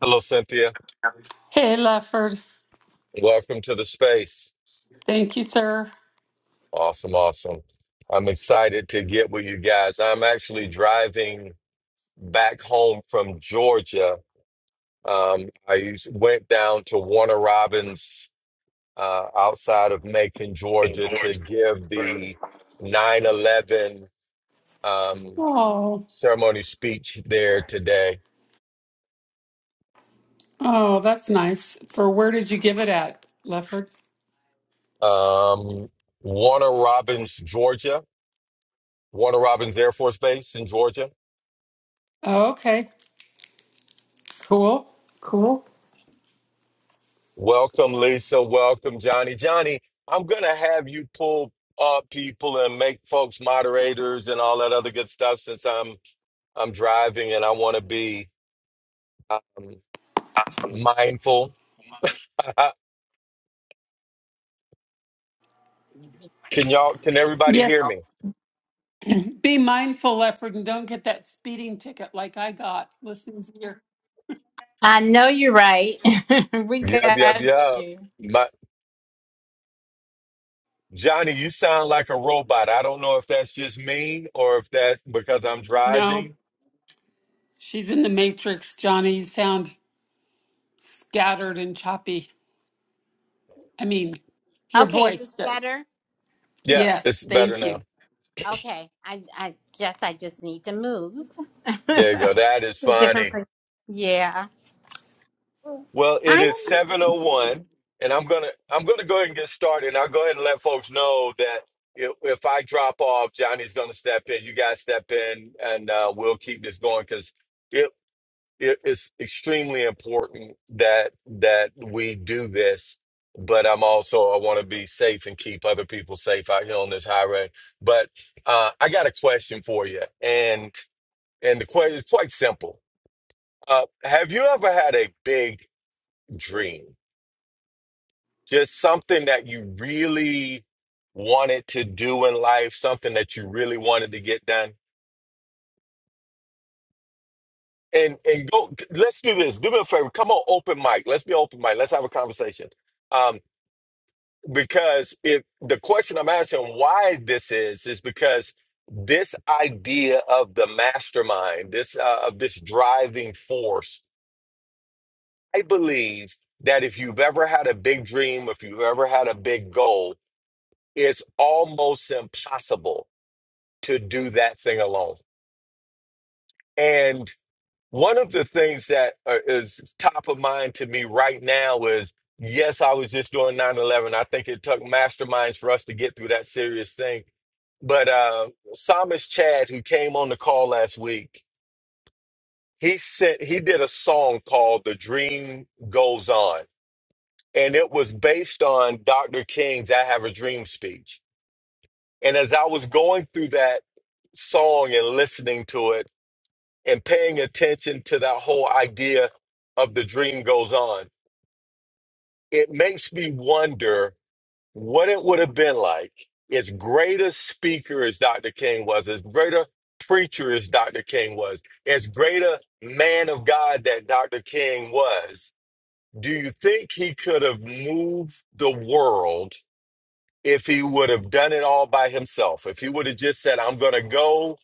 Hello, Cynthia. Hey, Lefford. Welcome to the space. Thank you, sir. Awesome, awesome. I'm excited to get with you guys. I'm actually driving back home from Georgia. Um, I used, went down to Warner Robins uh, outside of Macon, Hey, Georgia, to boys. give the 9 11 um, Oh, ceremony speech there today. oh, that's nice. For where did you give it at, Lefford? Um, Warner Robins, Georgia, Warner Robins Air Force Base in Georgia. Oh, okay. Cool. Cool. Welcome, Lisa. Welcome, Johnny. Johnny, I'm going to have you pull up people and make folks moderators and all that other good stuff since I'm I'm driving and I want to be um, mindful. can y'all can everybody Yes. hear me? Be mindful, Lefford, and don't get that speeding ticket like I got listening to your. I know you're right. we Yep, yep, got yep. you. My Johnny, you sound like a robot. I don't know if that's just me or if that's because I'm No, driving. she's in the matrix, Johnny. You sound scattered and choppy. I mean, your Okay, is this voice does. better? Yeah, Yes, it's better thank now. you. Okay, I I guess I just need to move There you to go. That is a different funny. place. Yeah, Well, it I is am. 701 and I'm going to I'm going to go ahead and get started. And I'll go ahead and let folks know that if, if I drop off, Johnny's going to step in. You guys step in and uh, we'll keep this going cuz it, it it's extremely important that that we do this. But I'm also I want to be safe and keep other people safe out here on this highway. But uh, I got a question for you, and and the question is quite simple. Uh, have you ever had a big dream? just something that you really wanted to do in life, something that you really wanted to get done. And and go let's do this. Do me a favor. Come on, open mic. Let's be open mic. Let's have a conversation. Um, because if the question I'm asking why this is is because this idea of the mastermind, this uh, of this driving force, I believe that if you've ever had a big dream, if you've ever had a big goal, it's almost impossible to do that thing alone. And one of the things that uh, is top of mind to me right now is yes, I was just doing 9 11. I think it took masterminds for us to get through that serious thing. But uh, Psalmist Chad, who came on the call last week, he sent he did a song called "The Dream Goes On," and it was based on Dr. King's "I Have a Dream" speech. And as I was going through that song and listening to it, and paying attention to that whole idea of the dream goes on, it makes me wonder what it would have been like as great a speaker as Dr. King was, as great a preacher as Dr. King was, as great a man of God that Dr. King was. Do you think he could have moved the world if he would have done it all by himself, if he would have just said, I'm going to go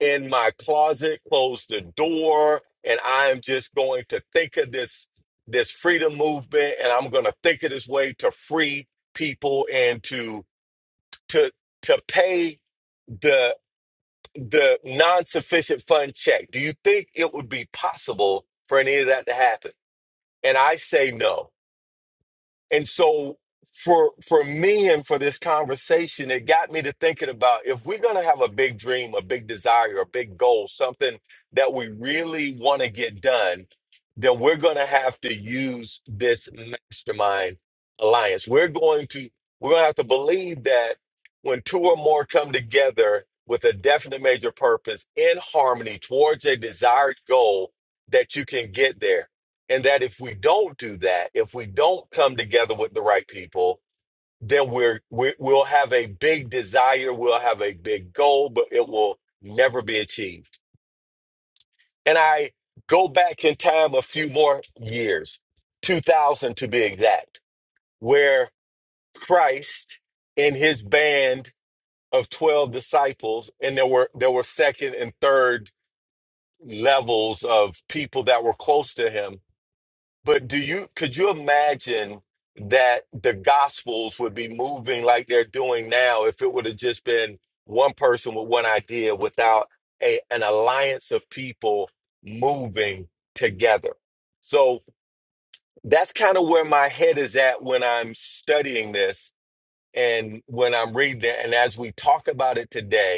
in my closet, close the door, and I'm just going to think of this this freedom movement and I'm going to think of this way to free people and to to to pay the the non-sufficient fund check. Do you think it would be possible for any of that to happen? And I say no. And so for for me and for this conversation, it got me to thinking about if we're gonna have a big dream, a big desire, a big goal, something that we really want to get done, then we're gonna have to use this mastermind alliance. We're going to we're gonna have to believe that when two or more come together with a definite major purpose in harmony towards a desired goal, that you can get there and that if we don't do that, if we don't come together with the right people, then we're, we we'll have a big desire, we'll have a big goal, but it will never be achieved. And I go back in time a few more years, 2000 to be exact, where Christ and his band of 12 disciples, and there were there were second and third levels of people that were close to him But do you could you imagine that the gospels would be moving like they're doing now if it would have just been one person with one idea without a an alliance of people moving together? So that's kind of where my head is at when I'm studying this and when I'm reading it. And as we talk about it today,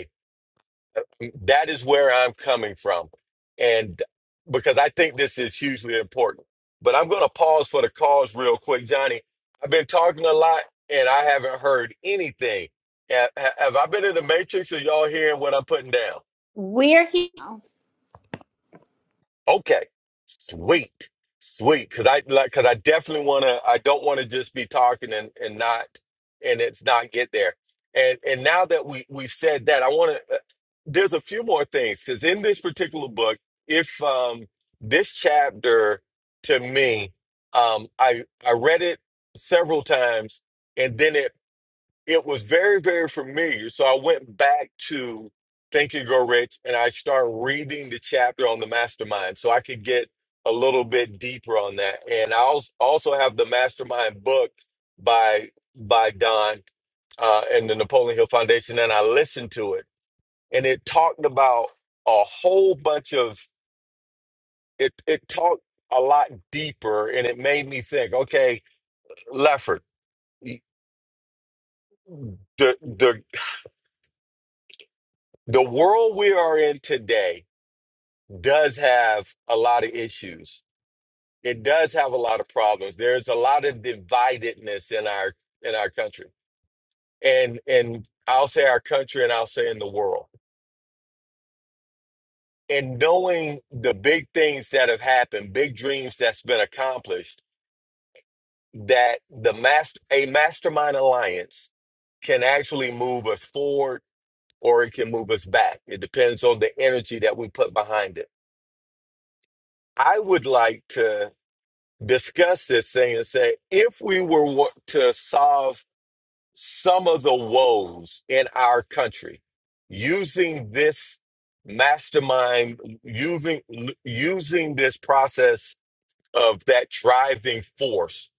that is where I'm coming from. And because I think this is hugely important. But I'm going to pause for the cause real quick, Johnny. I've been talking a lot and I haven't heard anything. Have, have I been in the matrix? Are y'all hearing what I'm putting down? We're here. Okay. Sweet. Sweet. Cause I like cause I definitely wanna I don't wanna just be talking and, and not and it's not get there. And and now that we we've said that, I wanna uh, there's a few more things because in this particular book, if um this chapter to me, um I I read it several times and then it it was very, very familiar. So I went back to Think and Grow Rich and I started reading the chapter on the mastermind so I could get a little bit deeper on that. And I als- also have the mastermind book by by Don uh, and the Napoleon Hill Foundation, and I listened to it, and it talked about a whole bunch of it. It talked a lot deeper, and it made me think. Okay, Lefford, the the the world we are in today. does have a lot of issues. It does have a lot of problems. There's a lot of dividedness in our in our country. And and I'll say our country and I'll say in the world. And knowing the big things that have happened, big dreams that's been accomplished, that the master a mastermind alliance can actually move us forward or it can move us back. It depends on the energy that we put behind it. I would like to discuss this thing and say if we were wa- to solve some of the woes in our country using this mastermind using using this process of that driving force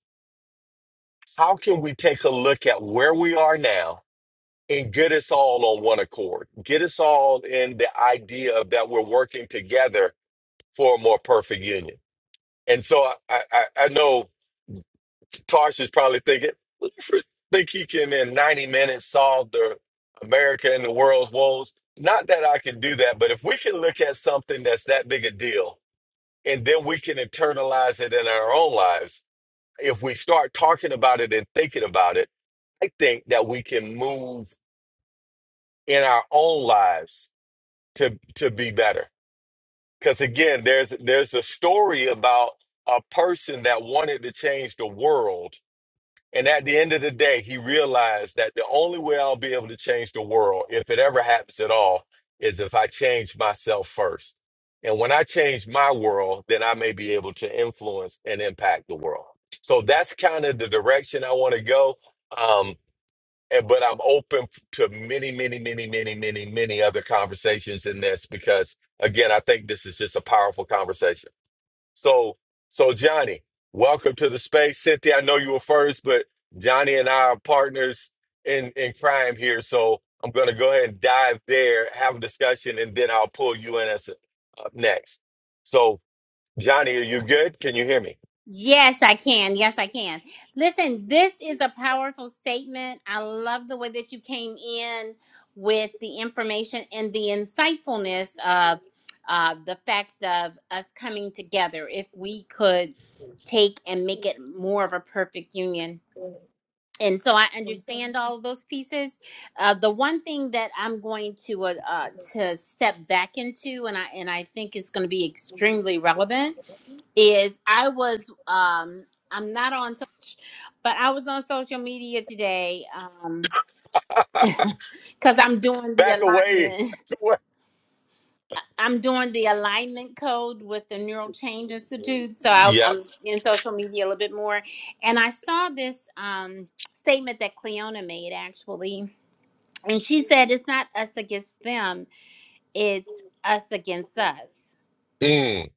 how can we take a look at where we are now and get us all on one accord get us all in the idea of that we're working together for a more perfect union and so i i, I I know Tarsh is probably thinking, "What the frick think he can in 90 minutes solve the America and the world's woes? Not that I can do that, but if we can look at something that's that big a deal and then we can internalize it in our own lives, if we start talking about it and thinking about it, I think that we can move in our own lives to to be better. Because again, there's there's a story about a person that wanted to change the world And at the end of the day, he realized that the only way I'll be able to change the world, if it ever happens at all, is if I change myself first. And when I change my world, then I may be able to influence and impact the world. So that's kind of the direction I want to go. Um, and, but I'm open f- to many, many, many, many, many, many other conversations in this because, again, I think this is just a powerful conversation. So, so Johnny, welcome to the space. Cynthia, I know you were first, but Johnny and I are partners in in crime here. So I'm going to go ahead and dive there, have a discussion, and then I'll pull you in as up next. So, Johnny, are you good? Can you hear me? Yes, I can. Yes, I can. Listen, this is a powerful statement. I love the way that you came in with the information and the insightfulness of uh, the fact of us coming together. If we could take and make it more of a perfect union. And so I understand all of those pieces. Uh, the one thing that I'm going to uh, uh, to step back into, and I and I think is going to be extremely relevant, is I was um I'm not on so but I was on social media today um cuz I'm doing the Back away. alignment I'm doing the alignment code with the Neural Change Institute so I, Yep. I'm in social media a little bit more and I saw this um statement that Cleona made actually and she said it's not us against them it's us against us Mm.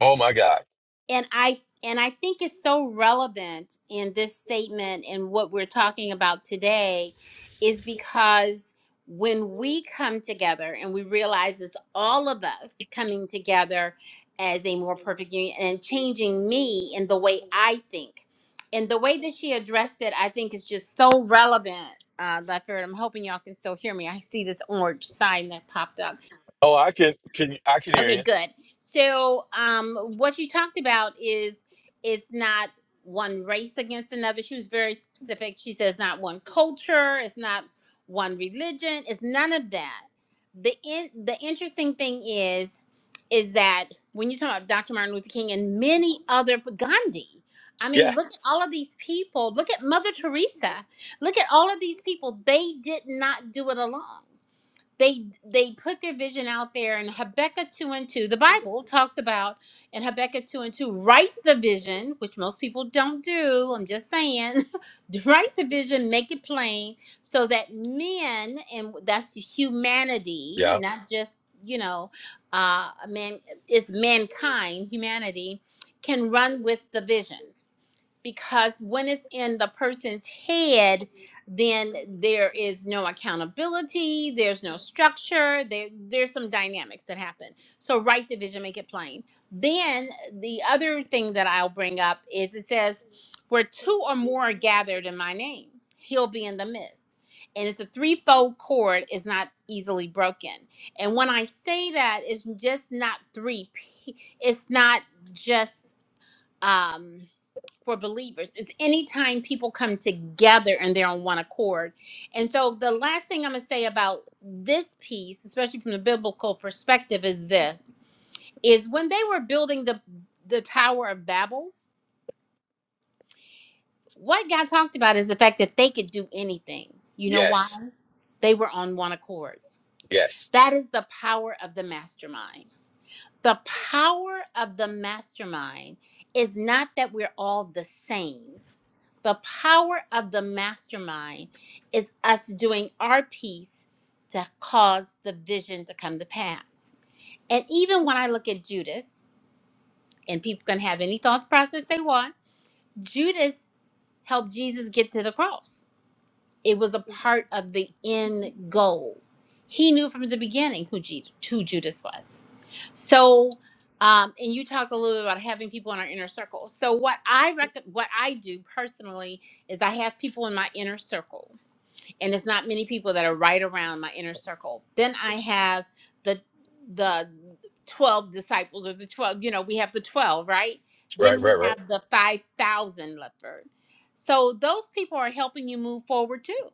Oh my God. and i and i think it's so relevant in this statement and what we're talking about today is because when we come together and we realize it's all of us coming together as a more perfect union and changing me in the way i think and the way that she addressed it i think is just so relevant uh, Lefford, I'm hoping y'all can still hear me. I see this orange sign that popped up. Oh, I can. Can I can hear Okay, you? good. So, um, what you talked about is it's not one race against another. She was very specific. She says not one culture, it's not one religion, it's none of that. The in, the interesting thing is is that when you talk about Dr. Martin Luther King and many other Gandhi, I Yeah. mean, look at all of these people. Look at Mother Teresa. Look at all of these people. They did not do it alone they they put their vision out there and habakkuk 2 and 2 the bible talks about in habakkuk 2 and 2 write the vision which most people don't do i'm just saying write the vision make it plain so that men and that's humanity Yeah. not just you know uh man it's mankind humanity can run with the vision because when it's in the person's head then there is no accountability there's no structure there there's some dynamics that happen so write the vision make it plain then the other thing that i'll bring up is it says where two or more are gathered in my name he'll be in the midst and it's a threefold cord is not easily broken and when i say that it's just not three p- it's not just um for believers is anytime people come together and they're on one accord. And so the last thing I'm going to say about this piece, especially from the biblical perspective, is this is when they were building the the Tower of Babel, what God talked about is the fact that they could do anything. You know why? Yes. They were on one accord. Yes. That is the power of the mastermind. The power of the mastermind is not that we're all the same. the power of the mastermind is us doing our piece to cause the vision to come to pass. And even when I look at Judas, and people can have any thought process they want, Judas helped Jesus get to the cross it was a part of the end goal. He knew from the beginning who, Ju- who Judas was. So, um, and you talked a little bit about having people in our inner circle. So, what I rec- what I do personally is I have people in my inner circle and it's not many people that are right around my inner circle. Then I have the the 12 disciples or the 12, you know, we have the 12, right? Right. Then we Right. Right. have the 5,000 leopard. So those people are helping you move forward too.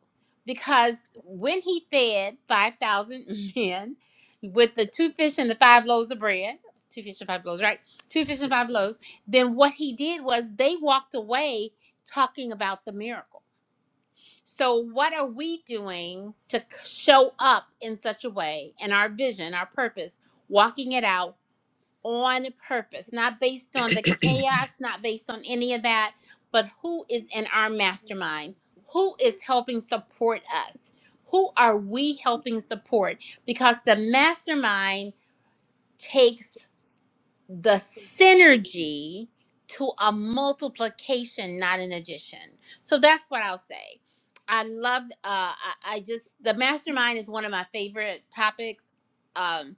Because when he fed 5,000 men with the two fish and the five loaves of bread, two fish and five loaves, right? Two fish and five loaves, then what he did was they walked away talking about the miracle so, what are we doing to c- show up in such a way and our vision, our purpose, walking it out on purpose, not based on the chaos, not based on any of that, but who is in our mastermind? Who is helping support us? Who are we helping support? Because the mastermind takes the synergy to a multiplication, not an addition. So that's what I'll say. I love, uh, I, I just, the mastermind is one of my favorite topics um,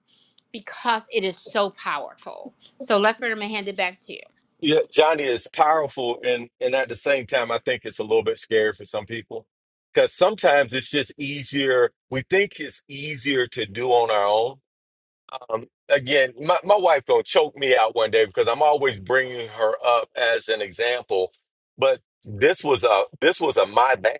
because it is so powerful. So, Lefford, I'm going to hand it back to you. Yeah, Johnny is powerful, and and at the same time, I think it's a little bit scary for some people because sometimes it's just easier. We think it's easier to do on our own. Um, again, my my wife gonna choke me out one day because I'm always bringing her up as an example, but this was a this was a my bad.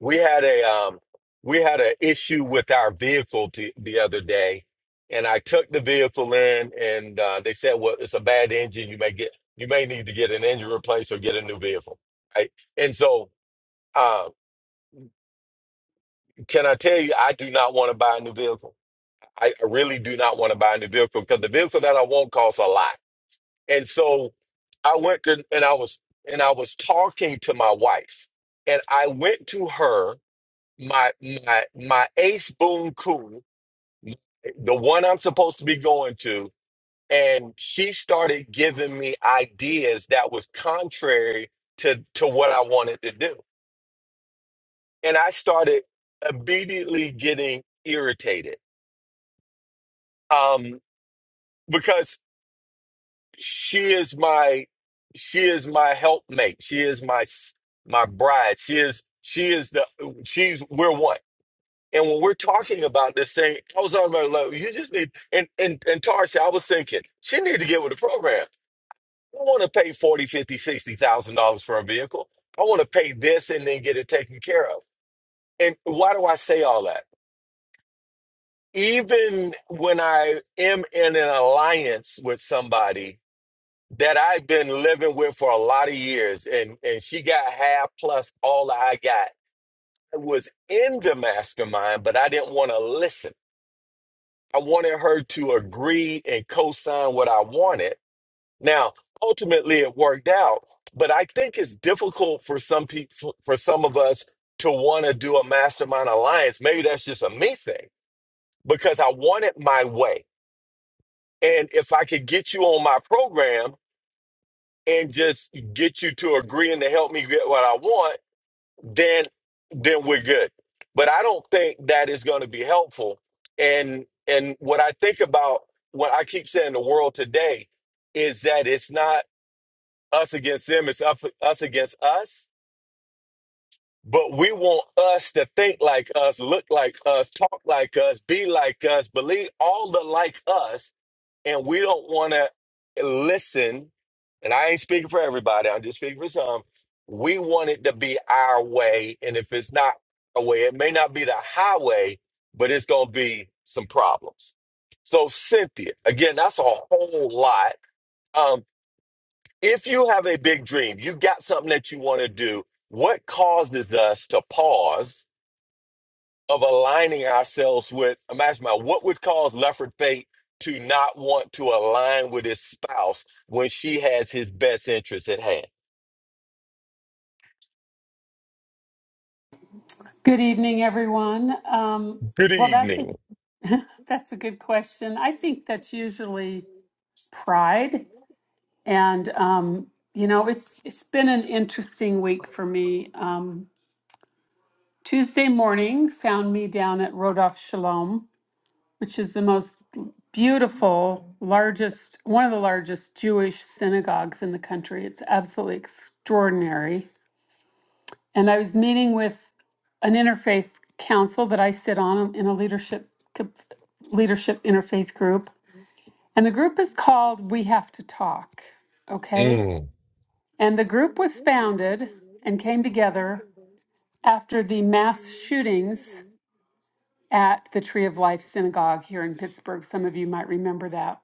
We had a um we had an issue with our vehicle t- the other day, and I took the vehicle in, and uh, they said, "Well, it's a bad engine. You may get you may need to get an engine replaced or get a new vehicle." Right? And so, uh, can I tell you, I do not want to buy a new vehicle. I I really do not want to buy a new vehicle because the vehicle that I want costs a lot. And so, I went to and I was and I was talking to my wife, and I went to her. my my my ace boon cool, the one I'm supposed to be going to, and she started giving me ideas that was contrary to to what I wanted to do, and I started immediately getting irritated, um, because she is my she is my helpmate, she is my s- my bride, she is she is the she's we're one And when we're talking about this thing, I was on my level. You just need, and, and, and Tarsha, I was thinking, she need to get with the program. I want to pay 40, 50, 60,000 dollars for a vehicle. I want to pay this and then get it taken care of. And why do I say all that? Even when I am in an alliance with somebody that I've been living with for a lot of years and, and she got half plus all I got, I was in the mastermind, but I didn't want to listen. I wanted her to agree and co-sign what I wanted. Now, ultimately, it worked out, but I think it's difficult for some people, for some of us, to want to do a mastermind alliance. Maybe that's just a me thing because I want it my way, and if I could get you on my program and just get you to agree and to help me get what I want then then we're good. But I don't think that is going to be helpful. And and what I think about what I keep saying the world today is that it's not us against them, it's up, us against us. But we want us to think like us, look like us, talk like us, be like us, believe all the like us. And we don't want to listen. And I ain't speaking for everybody, I'm just speaking for some. We want it to be our way. And if it's not our way, it may not be the highway, but it's going to be some problems. So, Cynthia, again, that's a whole lot. Um, if you have a big dream, you have got something that you want to do, what causes us to pause of aligning ourselves with, imagine my, what would cause Lefford Fate to not want to align with his spouse when she has his best interests at hand? Good evening, everyone. Um, Good well, that's it. evening. That's a good question. I think that's usually pride, and um, you know, it's it's been an interesting week for me. Um, Tuesday morning found me down at Rodolph Shalom, which is the most beautiful, largest, one of the largest Jewish synagogues in the country. It's absolutely extraordinary, and I was meeting with an interfaith council that I sit on in a leadership leadership interfaith group And the group is called We Have to Talk, okay? Mm. And the group was founded and came together after the mass shootings at the Tree of Life Synagogue here in Pittsburgh. Some of you might remember that.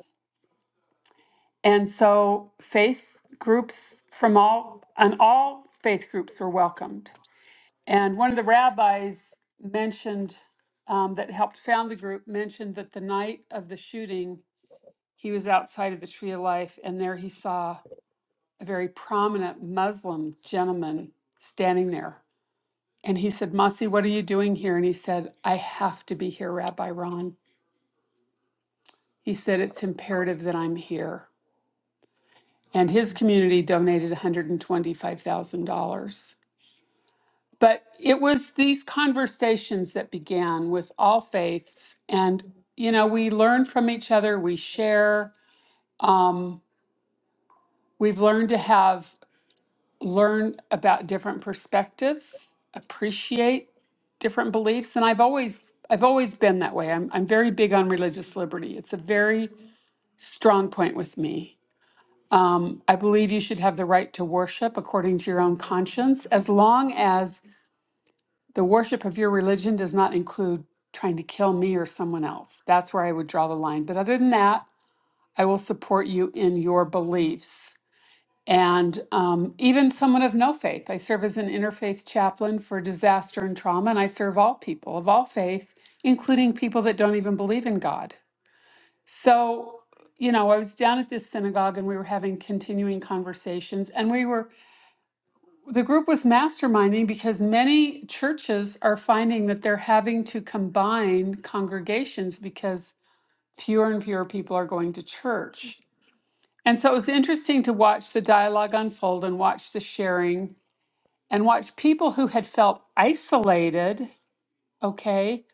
And so faith groups from all and all faith groups are welcomed. And one of the rabbis mentioned um, that helped found the group mentioned that the night of the shooting, he was outside of the Tree of Life, and there he saw a very prominent Muslim gentleman standing there. And he said, Masi, what are you doing here? And he said, I have to be here, Rabbi Ron. He said, it's imperative that I'm here. And his community donated $125,000. But it was these conversations that began with all faiths. And, you know, we learn from each other, we share. Um, we've learned to have learn about different perspectives, appreciate different beliefs, and I've always I've always been that way. I'm I'm very big on religious liberty. It's a very strong point with me. Um, I believe you should have the right to worship according to your own conscience, as long as the worship of your religion does not include trying to kill me or someone else. That's where I would draw the line. But other than that, I will support you in your beliefs and um, even someone of no faith. I serve as an interfaith chaplain for disaster and trauma, and I serve all people of all faith, including people that don't even believe in God. So, you know, I was down at this synagogue and we were having continuing conversations, and we were, the group was masterminding because many churches are finding that they're having to combine congregations because fewer and fewer people are going to church. And so it was interesting to watch the dialogue unfold and watch the sharing and watch people who had felt isolated, okay,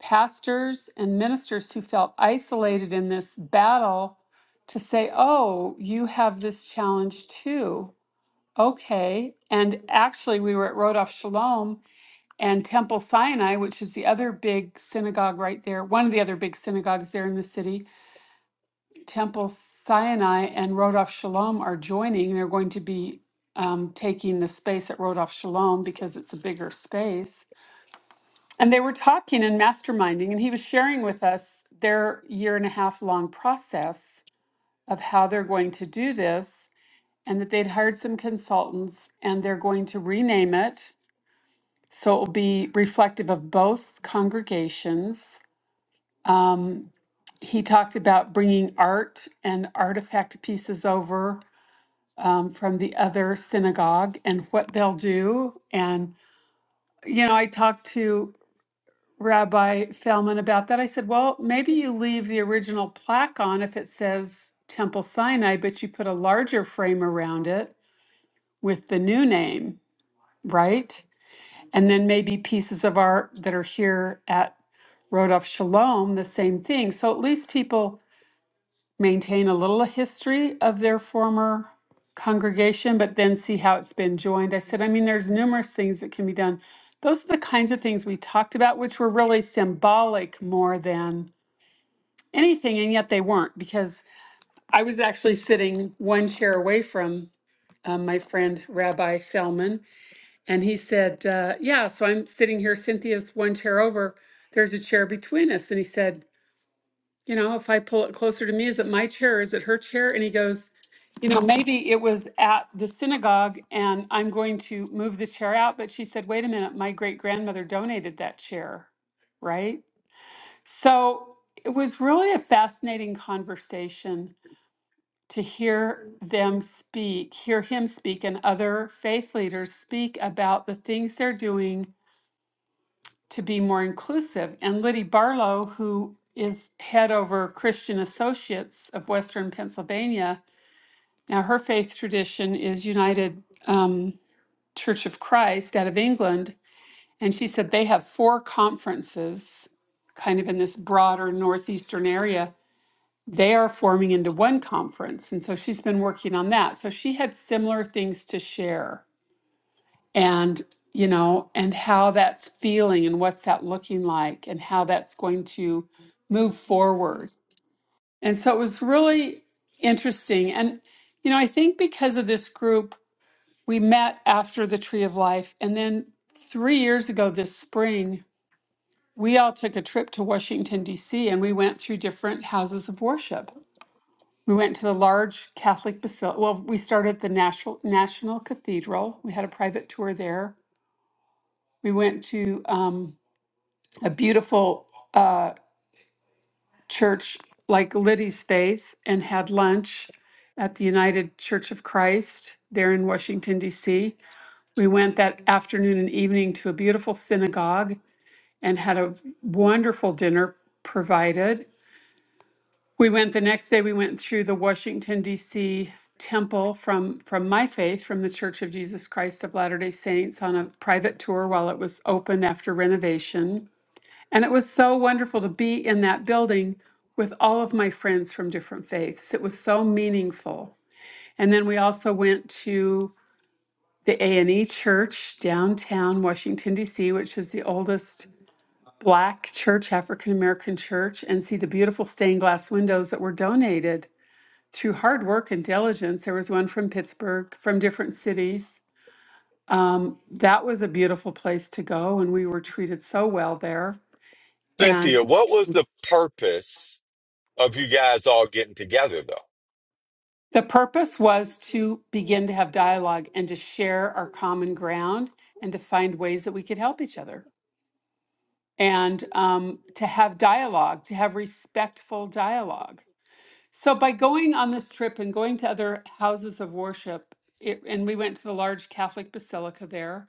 pastors and ministers who felt isolated in this battle to say, oh, you have this challenge too. Okay. And actually, we were at Rodolph Shalom and Temple Sinai, which is the other big synagogue right there, one of the other big synagogues there in the city. Temple Sinai and Rodolph Shalom are joining. They're going to be um, taking the space at Rodolph Shalom because it's a bigger space And they were talking and masterminding, and he was sharing with us their year and a half long process of how they're going to do this, and that they'd hired some consultants and they're going to rename it. So it will be reflective of both congregations. Um, he talked about bringing art and artifact pieces over um, from the other synagogue and what they'll do. And, you know, I talked to Rabbi Feldman about that. I said, well, maybe you leave the original plaque on if it says Temple Sinai, but you put a larger frame around it with the new name, right? And then maybe pieces of art that are here at Rodolph Shalom, the same thing. So at least people maintain a little history of their former congregation, but then see how it's been joined. I said, I mean, there's numerous things that can be done. Those are the kinds of things we talked about, which were really symbolic more than anything, and yet they weren't because I was actually sitting one chair away from um, my friend Rabbi Fellman, and he said, uh, "Yeah, so I'm sitting here. Cynthia's one chair over. There's a chair between us." And he said, you know, if I pull it closer to me, is it my chair? Is it her chair? And he goes, you know, maybe it was at the synagogue and I'm going to move the chair out. But she said, wait a minute, my great grandmother donated that chair, right? So it was really a fascinating conversation to hear them speak, hear him speak, and other faith leaders speak about the things they're doing to be more inclusive. And Liddy Barlow, who is head over Christian Associates of Western Pennsylvania, now her faith tradition is United um, Church of Christ out of England. And she said they have four conferences kind of in this broader northeastern area. They are forming into one conference. And so she's been working on that. So she had similar things to share and you know and how that's feeling and what's that looking like and how that's going to move forward and so it was really interesting and you know i think because of this group we met after the tree of life and then three years ago this spring we all took a trip to washington d.c and we went through different houses of worship we went to the large catholic basilica well we started at the national national cathedral we had a private tour there we went to um, a beautiful uh, church like Liddy's Faith and had lunch at the United Church of Christ there in Washington, D.C. We went that afternoon and evening to a beautiful synagogue and had a wonderful dinner provided. We went the next day, we went through the Washington, D.C. temple from from my faith from the church of jesus christ of latter day saints on a private tour while it was open after renovation And it was so wonderful to be in that building with all of my friends from different faiths. It was so meaningful. And then we also went to the A&E Church downtown Washington D.C., which is the oldest black church, African American church, and see the beautiful stained glass windows that were donated through hard work and diligence. There was one from Pittsburgh, from different cities. Um, that was a beautiful place to go, and we were treated so well there. Cynthia, And what was the purpose of you guys all getting together though? The purpose was to begin to have dialogue and to share our common ground and to find ways that we could help each other and um, to have dialogue, to have respectful dialogue. So, by going on this trip and going to other houses of worship, it, and we went to the large Catholic basilica there.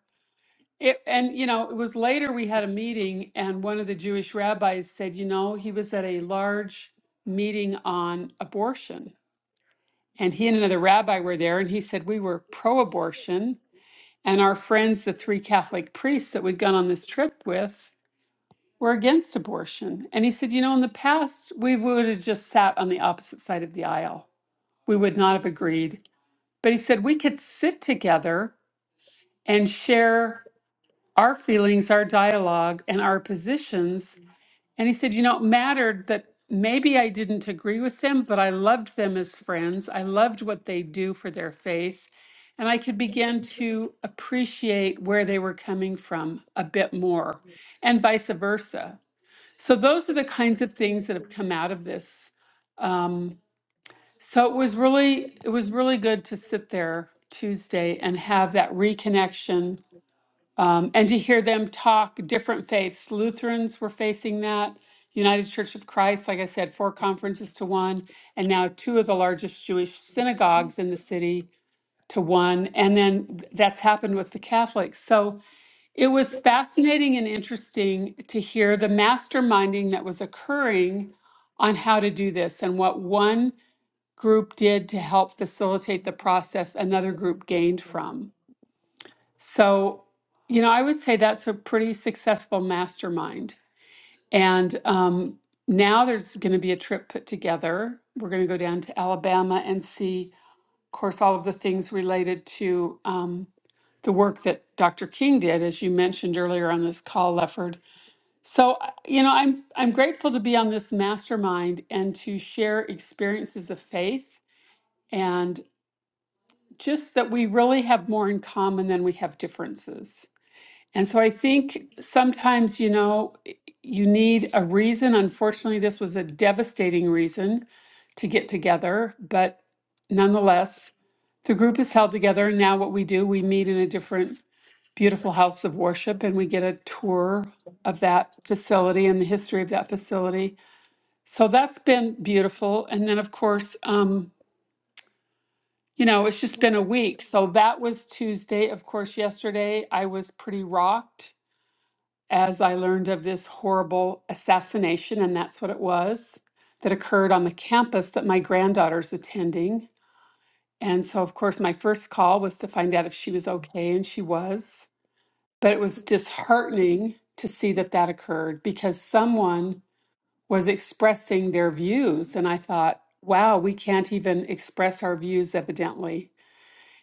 It, and, you know, it was later we had a meeting, and one of the Jewish rabbis said, you know, he was at a large meeting on abortion and he and another rabbi were there, and he said we were pro abortion. And our friends, the three Catholic priests that we'd gone on this trip with, were against abortion. And he said, You know, in the past, we would have just sat on the opposite side of the aisle. We would not have agreed. But he said, We could sit together and share our feelings, our dialogue, and our positions And he said, you know, it mattered that maybe I didn't agree with them, but I loved them as friends. I loved what they do for their faith. And I could begin to appreciate where they were coming from a bit more, and vice versa. So, those are the kinds of things that have come out of this. Um, so it was really it was really good to sit there Tuesday and have that reconnection um, and to hear them talk different faiths. Lutherans were facing that. United Church of Christ, like I said, four conferences to one, and now two of the largest Jewish synagogues in the city to one. And then th- that's happened with the Catholics. So it was fascinating and interesting to hear the masterminding that was occurring on how to do this and what one group did to help facilitate the process another group gained from. So, you know, I would say that's a pretty successful mastermind. And um, now there's going to be a trip put together. We're going to go down to Alabama and see, of course, all of the things related to um, the work that Dr. King did, as you mentioned earlier on this call, Lefford. So, I- you know, I'm I'm grateful to be on this mastermind and to share experiences of faith and just that we really have more in common than we have differences And so I think sometimes, you know, you need a reason. Unfortunately, this was a devastating reason to get together, but nonetheless, the group is held together. And now what we do, we meet in a different beautiful house of worship and we get a tour of that facility and the history of that facility. So that's been beautiful. And then, of course, um, you know, it's just been a week. So that was Tuesday. Of course, yesterday I was pretty rocked as I learned of this horrible assassination, and that's what it was, that occurred on the campus that my granddaughter's attending. And so, of course, my first call was to find out if she was okay, and she was. But it was disheartening to see that that occurred because someone was expressing their views. And I thought, wow, we can't even express our views, evidently.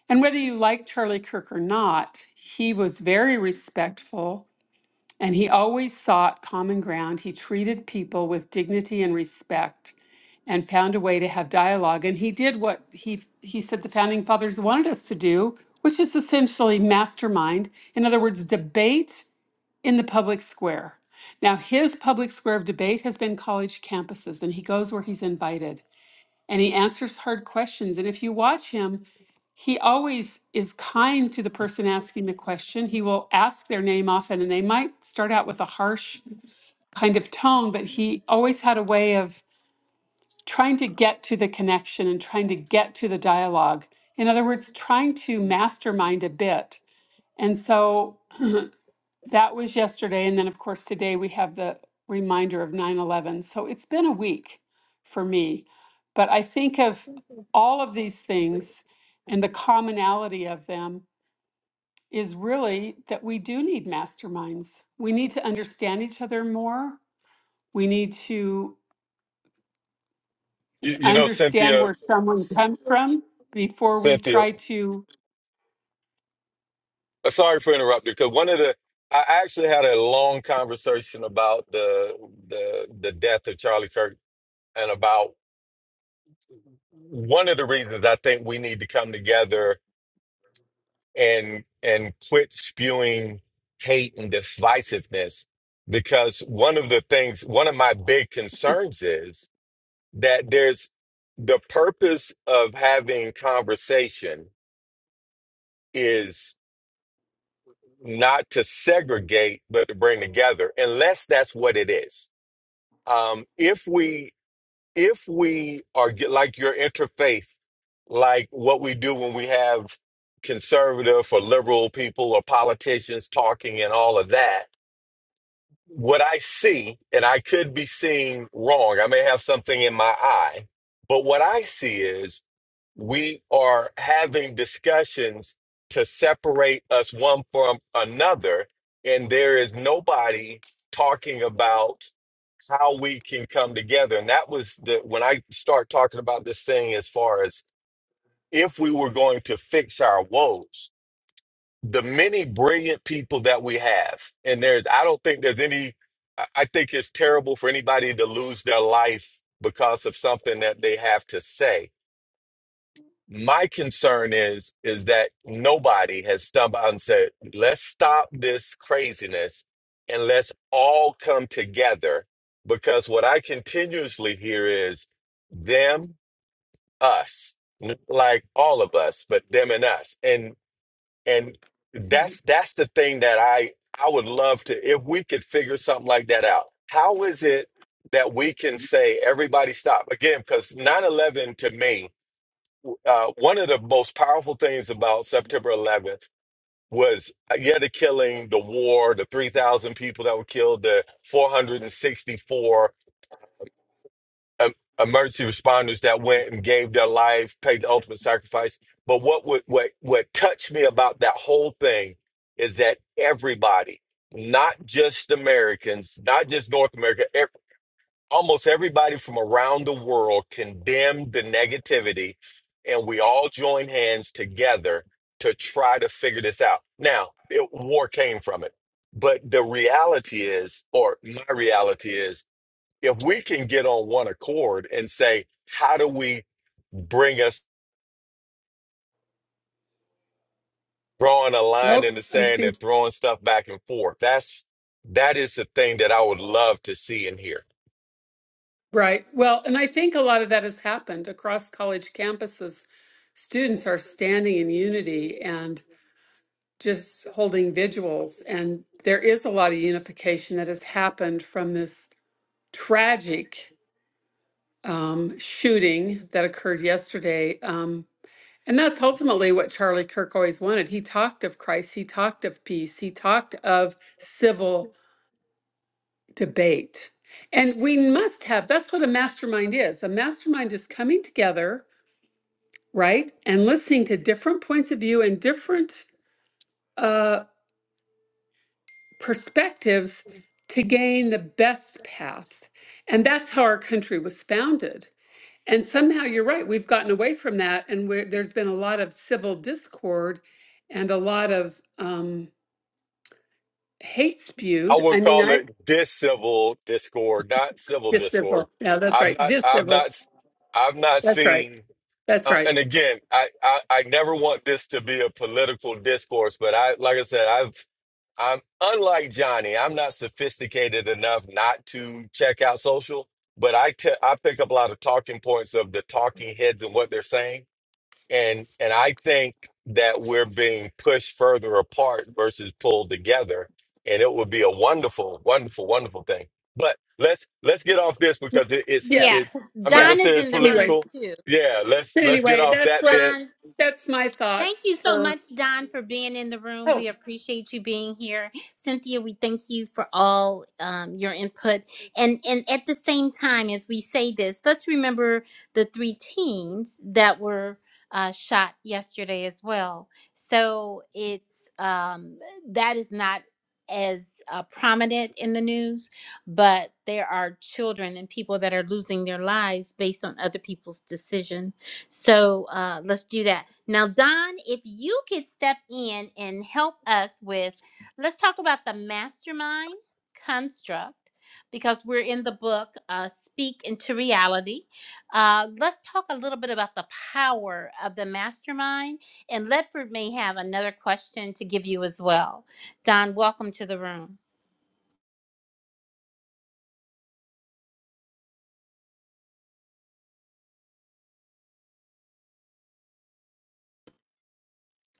And whether you like Charlie Kirk or not, he was very respectful and he always sought common ground. He treated people with dignity and respect and found a way to have dialogue. And he did what he, he said the founding fathers wanted us to do, which is essentially mastermind. In other words, debate in the public square. Now, his public square of debate has been college campuses, and he goes where he's invited and he answers hard questions. And if you watch him, he always is kind to the person asking the question. He will ask their name often, and they might start out with a harsh kind of tone, but he always had a way of trying to get to the connection and trying to get to the dialogue. In other words, trying to mastermind a bit. And so That was yesterday. And then, of course, today we have the reminder of 9 11. So it's been a week for me. But I think of all of these things and the commonality of them is really that we do need masterminds. We need to understand each other more. We need to You, you know, understand Cynthia, where someone C- comes from before we Cynthia. try to. Uh, Sorry for interrupting. Because one of the, I actually had a long conversation about the the the death of Charlie Kirk and about one of the reasons I think we need to come together and and quit spewing hate and divisiveness. Because one of the things, one of my big concerns is that there's the purpose of having conversation is not to segregate, but to bring together, unless that's what it is um, if we if we are get, like your interfaith, like what we do when we have conservative or liberal people or politicians talking and all of that, what I see, and I could be seeing wrong, I may have something in my eye, but what I see is we are having discussions to separate us one from another, and there is nobody talking about how we can come together. And that was the when I start talking about this thing as far as if we were going to fix our woes, the many brilliant people that we have, and there's I don't think there's any I I think it's terrible for anybody to lose their life because of something that they have to say my concern is is that nobody has stumbled out and said, "Let's stop this craziness and let's all come together." Because what I continuously hear is them, us, like all of us, but them and us, and and that's that's the thing that I I would love to if we could figure something like that out. How is it that we can say everybody stop again? Because nine eleven to me uh, one of the most powerful things about September 11th was uh, yeah the killing, the war, the 3,000 people that were killed, the 464 um, emergency responders that went and gave their life, paid the ultimate sacrifice. But what would what what touched me about that whole thing is that everybody, not just Americans, not just North America, e, almost everybody from around the world condemned the negativity, and we all joined hands together to try to figure this out. Now, it, war came from it, but the reality is, or my reality is, if we can get on one accord and say, how do we bring us drawing a line Oh, in the I sand think. and throwing stuff back and forth? That's that is the thing that I would love to see and hear. Right. Well, and I think a lot of that has happened across college campuses. Students are standing in unity and just holding vigils. And there is a lot of unification that has happened from this tragic um, shooting that occurred yesterday. Um, and that's ultimately what Charlie Kirk always wanted. He talked of Christ, he talked of peace, he talked of civil debate. And we must have that's what a mastermind is. A mastermind is coming together right? And listening to different points of view and different uh, perspectives to gain the best path. And that's how our country was founded. And somehow you're right, we've gotten away from that. And where there's been a lot of civil discord and a lot of um, hate I spewed. I would mean, call I it discivil discord, not civil discord. discivil. Yeah, that's I've right. not, I've Discivil. not, s- I've not That's right. seen. That's Uh, right. and again, I, I, I never want this to be a political discourse, but I, like I said, I've, I'm unlike Johnny. I'm not sophisticated enough not to check out social, but I, te- I pick up a lot of talking points of the talking heads and what they're saying and and I think that we're being pushed further apart versus pulled together, and it would be a wonderful, wonderful, wonderful thing. But let's let's get off this because it, it's Yeah. Yeah. it. I'm not Yeah. gonna Don say is it's But in the Anyway, room political. too. Yeah, let's but let's get anyway, off that's that what bit. Don, that's my Thank thoughts you so for. much, Don, for being in the room. Oh, We appreciate you being here. Cynthia, we thank you for all um, your input. And and at the same time, as we say this, let's remember the three teens that were uh, shot yesterday as well. So it's um, that is not as uh, prominent in the news, but there are children and people that are losing their lives based on other people's decisions so uh, let's do that. Now, Don, if you could step in and help us with, let's talk about the mastermind construct because we're in the book uh, Speak into Reality. Uh, let's talk a little bit about the power of the mastermind, and Ledford may have another question to give you as well. Don, welcome to the room.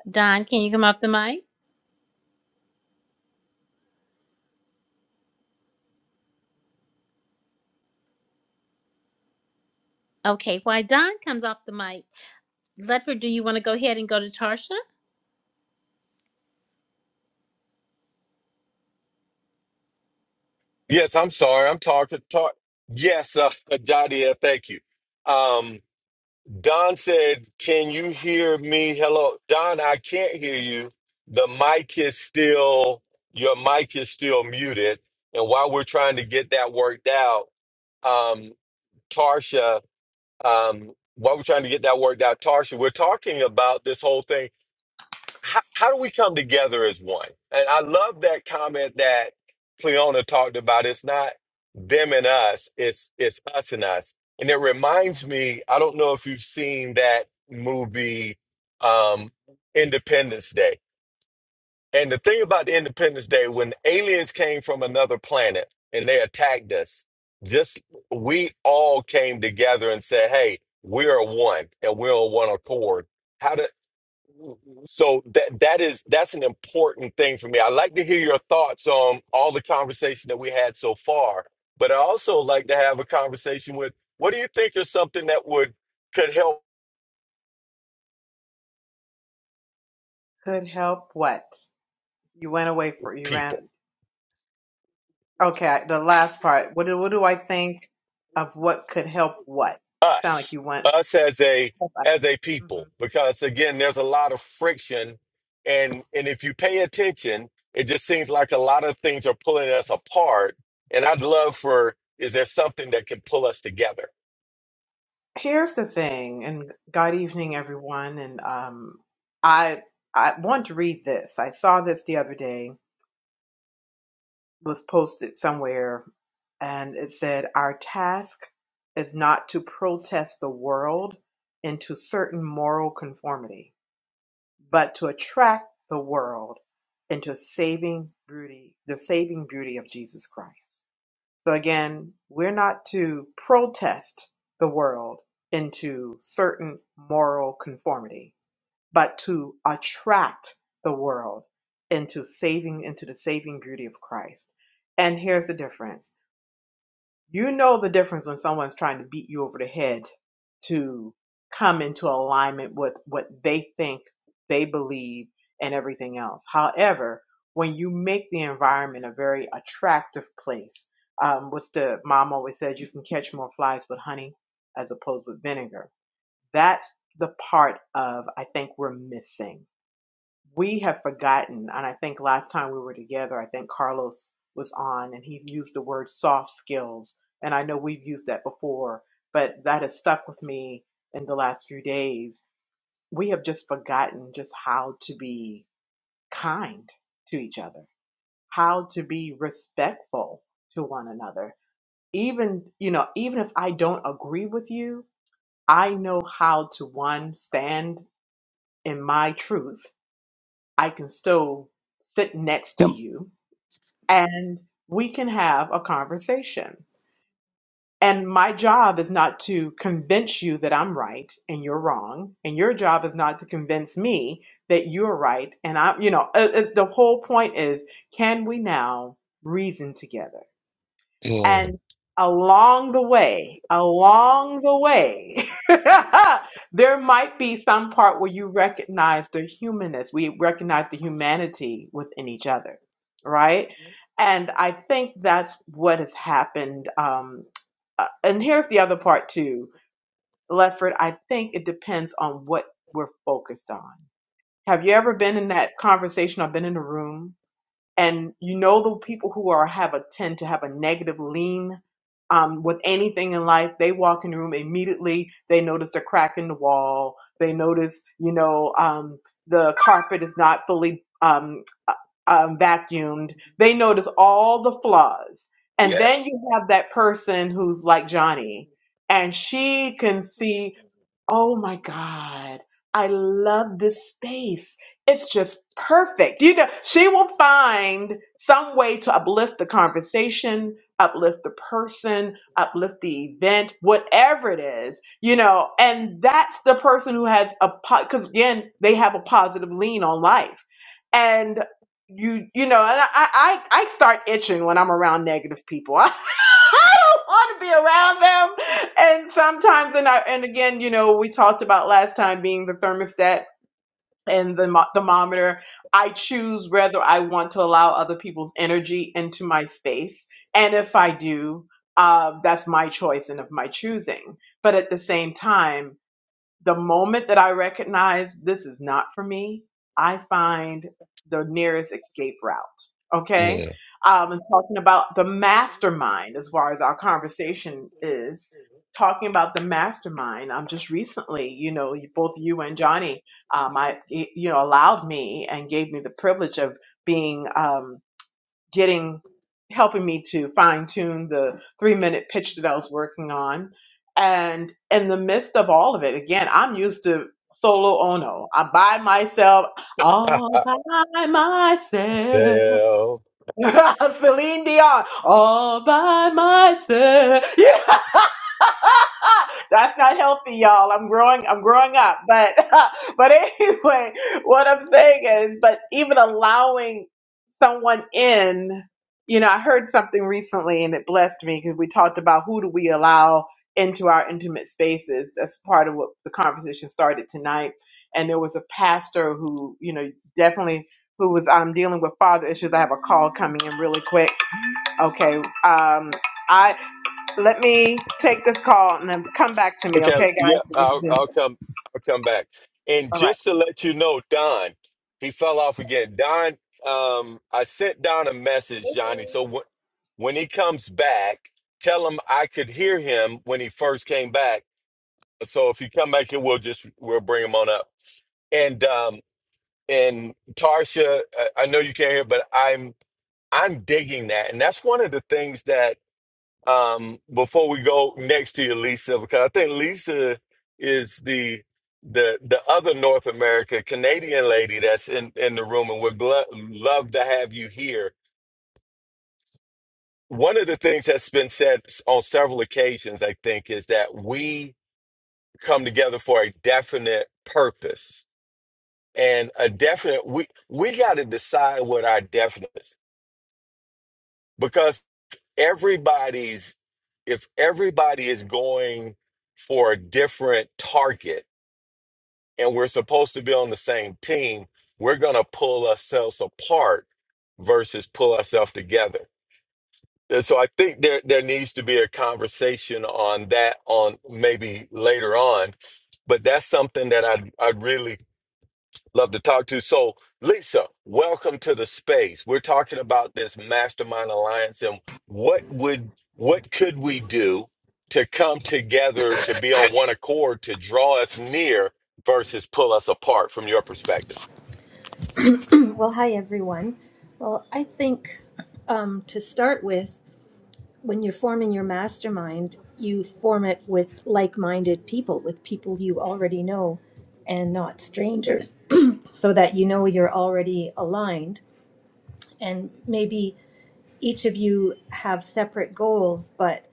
Don, can you come off the mic? Okay, while Don comes off the mic, Ledford, do you want to go ahead and go to Tarsha? Yes, I'm sorry, I'm talking talk. Yes, uh, Jadia, thank you. Um, Don said, Can you hear me? Hello. Don, I can't hear you. The mic is still, your mic is still muted. And while we're trying to get that worked out, um, Tarsha, um, while we're trying to get that worked out, Tarsha, we're talking about this whole thing how, how do we come together as one? And I love that comment that Cleona talked about. It's not them and us, it's it's us and us. And it reminds me, I don't know if you've seen that movie um Independence Day. And the thing about the Independence Day, when aliens came from another planet and they attacked us, just we all came together and said, Hey, we are one and we're on one accord. How do so that that is that's an important thing for me. I like to hear your thoughts on all the conversation that we had so far, but I also like to have a conversation with what do you think is something that would could help Could help what? You went away for you people, ran. Okay, the last part. What do what do I think of what could help what? You sound like us, you went. us as a hmm as a people, because again, there's a lot of friction, and and if you pay attention, it just seems like a lot of things are pulling us apart. And I'd love for is there something that can pull us together? Here's the thing, and God evening, everyone. And um, I I want to read this. I saw this the other day. It was posted somewhere, and it said, "Our task is not to protest the world into certain moral conformity." but to attract the world into saving beauty, the saving beauty of Jesus Christ. So again, we're not to protest the world into certain moral conformity, but to attract the world into saving, into the saving beauty of Christ. And here's the difference you know the difference when someone's trying to beat you over the head to come into alignment with what they think, they believe, and everything else. However, when you make the environment a very attractive place, um, what's the mom always said, you can catch more flies with honey as opposed with vinegar. That's the part of I think we're missing we have forgotten, and I think last time we were together, I think Carlos was on and he used the word soft skills. And I know we've used that before, but that has stuck with me in the last few days. We have just forgotten just how to be kind to each other, how to be respectful to one another. Even, you know, even if I don't agree with you, I know how to one, stand in my truth I can still sit next Yep. to you and we can have a conversation. And my job is not to convince you that I'm right and you're wrong. And your job is not to convince me that you're right. And I'm, you know, it- it's- the whole point is can we now reason together? And along the way, along the way, there might be some part where you recognize the humanness. We recognize the humanity within each other, right? And I think that's what has happened. Um, uh, and here's the other part too, Lefford. I think it depends on what we're focused on. Have you ever been in that conversation or been in a room and you know the people who are have a tend to have a negative lean um, with anything in life they walk in the room immediately they notice the crack in the wall they notice you know um, the carpet is not fully um, uh, um, vacuumed they notice all the flaws and then Yes. you have that person who's like johnny and she can see Oh my God. I love this space. It's just perfect. You know, she will find some way to uplift the conversation, uplift the person, uplift the event, whatever it is, you know, and that's the person who has a, because again, they have a positive lean on life. And you, you know, and I, I, I start itching when I'm around negative people. I don't want to be around them and sometimes and I and again, you know, we talked about last time being the thermostat and the mo- thermometer. I choose whether I want to allow other people's energy into my space, and if I do, uh, that's my choice and of my choosing. But at the same time the moment that I recognize this is not for me, I find the nearest escape route. Okay. Mm. Um, and talking about the mastermind, as far as our conversation is, talking about the mastermind, um, just recently, you know, you- both you and Johnny, um, I, you know, allowed me and gave me the privilege of being, um, getting helping me to fine tune the three minute pitch that I was working on. And in the midst of all of it, again, I'm used to solo ono. I'm by myself, all by myself. Sell. Celine Dion, all by myself. That's not healthy, y'all. I'm growing. I'm growing up. But but anyway, what I'm saying is, but even allowing someone in, you know, I heard something recently and it blessed me because we talked about who do we allow into our intimate spaces. That's part of what the conversation started tonight. And there was a pastor who, you know, definitely who was um, dealing with father issues. I have a call coming in really quick Okay. Um, I let me take this call and then come back to me. Okay, Okay, yeah, guys. This is I'll, been I'll come. I'll come back. And all right. just to let you know, Don, he fell off again. Don, um, I sent Don a message, Johnny. So when when he comes back, tell him I could hear him when he first came back. So if you come back, here, we'll just we'll bring him on up. And um, and Tarsha, I, I know you can't hear, but I'm I'm digging that, and that's one of the things that um, before we go next to you, Lisa, because I think Lisa is the the the other North America Canadian lady that's in in the room, and would glo- love to have you here. One of the things that's been said on several occasions, I think, is that we come together for a definite purpose and a definite. We we got to decide what our definite is because everybody's if everybody is going for a different target and we're supposed to be on the same team we're going to pull ourselves apart versus pull ourselves together and so i think there there needs to be a conversation on that on maybe later on but that's something that i i really Love to talk to. So, Lisa, welcome to the space. We're talking about this mastermind alliance and what would what could we do to come together to be on one accord to draw us near versus pull us apart from your perspective. Well, hi everyone. Well, I think um, to start with, when you're forming your mastermind, you form it with like minded people, with people you already know and not strangers, so that you know you're already aligned. And maybe each of you have separate goals, but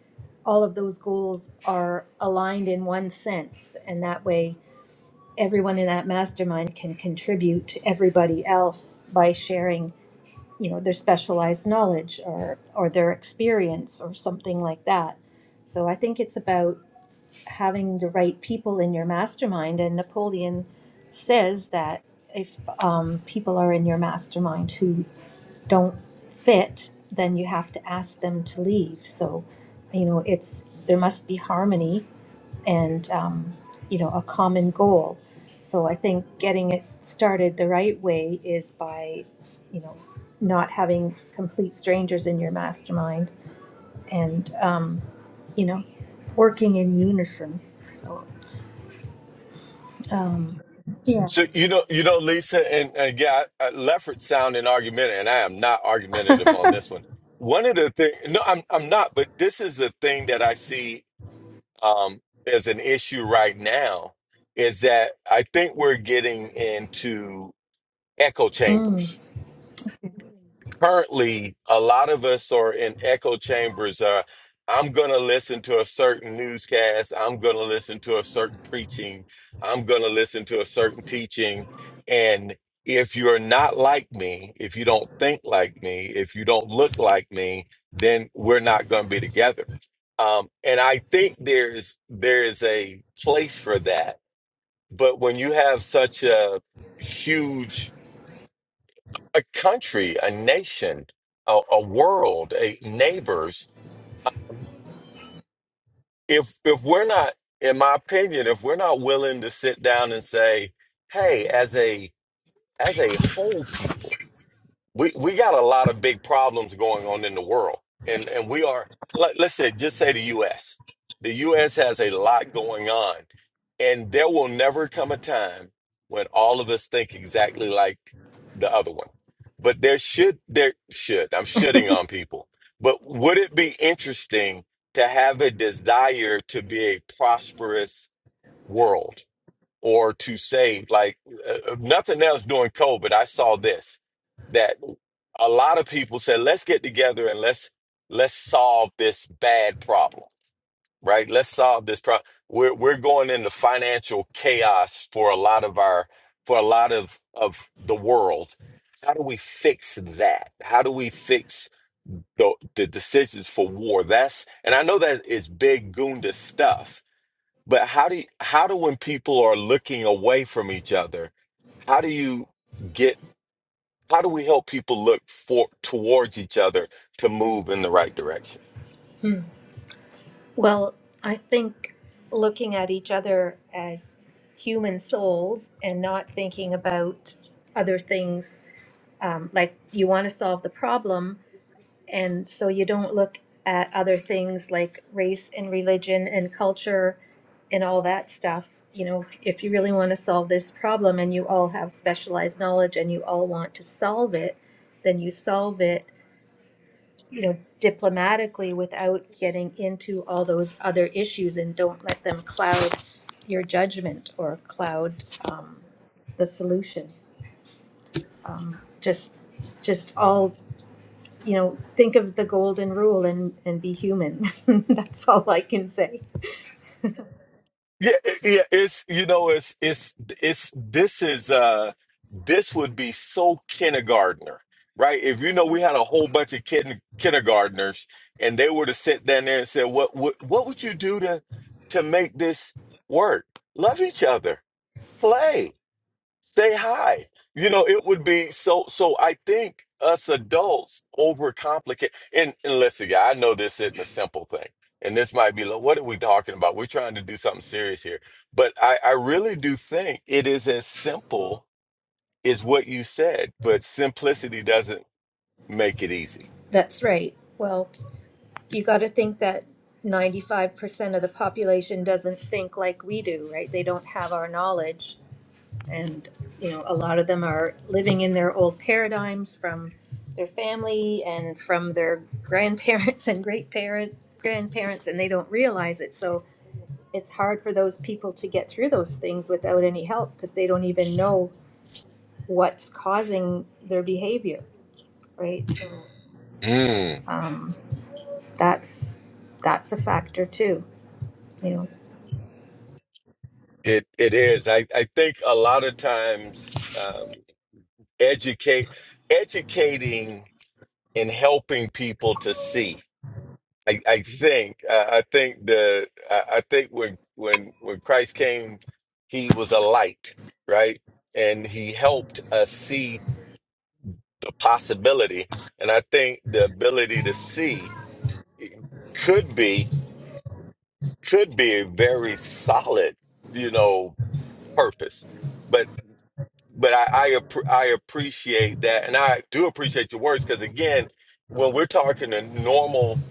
all of those goals are aligned in one sense. And that way, everyone in that mastermind can contribute to everybody else by sharing you know their specialized knowledge or or their experience or something like that so i think it's about having the right people in your mastermind and napoleon says that if um, people are in your mastermind who don't fit then you have to ask them to leave so you know it's there must be harmony and um, you know a common goal so i think getting it started the right way is by you know not having complete strangers in your mastermind and um, you know working in unison so um, yeah So you know, you know, Lisa, and, and yeah, I- I- Leffert sounding argumentative, and I am not argumentative on this one. One of the things, no, I'm I'm not, but this is the thing that I see um, is an issue right now is that I think we're getting into echo chambers Mm. currently a lot of us are in echo chambers uh i'm gonna listen to a certain newscast i'm gonna listen to a certain preaching i'm gonna listen to a certain teaching and if you're not like me if you don't think like me if you don't look like me then we're not gonna be together um and i think there's there is a place for that but when you have such a huge a country, a nation, a, a world, a neighbors. If if we're not, in my opinion, if we're not willing to sit down and say, "Hey, as a as a whole people." we we got a lot of big problems going on in the world and and we are let, let's say just say the US the US has a lot going on and there will never come a time when all of us think exactly like the other one but there should there should I'm shitting on people but would it be interesting to have a desire to be a prosperous world or to save. Like uh, uh, nothing else during COVID, I saw this that a lot of people said, "Let's get together and let's let's solve this bad problem." Right? Let's solve this problem. We're we're going into financial chaos for a lot of our for a lot of of the world. How do we fix that? How do we fix the the decisions for war? That's and I know that is big Gunda stuff, but how do you, how do when people are looking away from each other, how do you get how do we help people look for towards each other to move in the right direction? well i think looking at each other as human souls and not thinking about other things um, like you want to solve the problem And so you don't look at other things like race and religion and culture and all that stuff. You know, if you really want to solve this problem and you all have specialized knowledge and you all want to solve it, then you solve it, you know, diplomatically without getting into all those other issues and don't let them cloud your judgment or cloud um, the solution. Um, just, just all you know, think of the golden rule and, and be human. That's all I can say. Yeah, it- yeah, it's you know, it's it's it's this is uh this would be so kindergartner, right? If you know we had a whole bunch of kid kindergartners and they were to sit down there and say, What what what would you do to to make this work? Love each other, play say hi. You know, it would be so. So I think us adults overcomplicate. And, and listen, yeah, I know this isn't a simple thing, and this might be like, what are we talking about? We're trying to do something serious here, but I, I really do think it is as simple as what you said. But simplicity doesn't make it easy. That's right. Well, you got to think that 95% of the population doesn't think like we do, right? They don't have our knowledge. And, you know, a lot of them are living in their old paradigms from their family and from their grandparents and great parent grandparents and they don't realize it. So it's hard for those people to get through those things without any help because they don't even know what's causing their behavior, right? So Mm, um, that's that's a factor too, you know. it it is. I I think a lot of times um, educate educating and helping people to see. I, I think I, I think the I, I think when when when Christ came, he was a light, right? And he helped us see the possibility. And I think the ability to see could be could be a very solid, you know, purpose. But but I I, appre- I appreciate that, and I do appreciate your words because again, when we're talking a normal,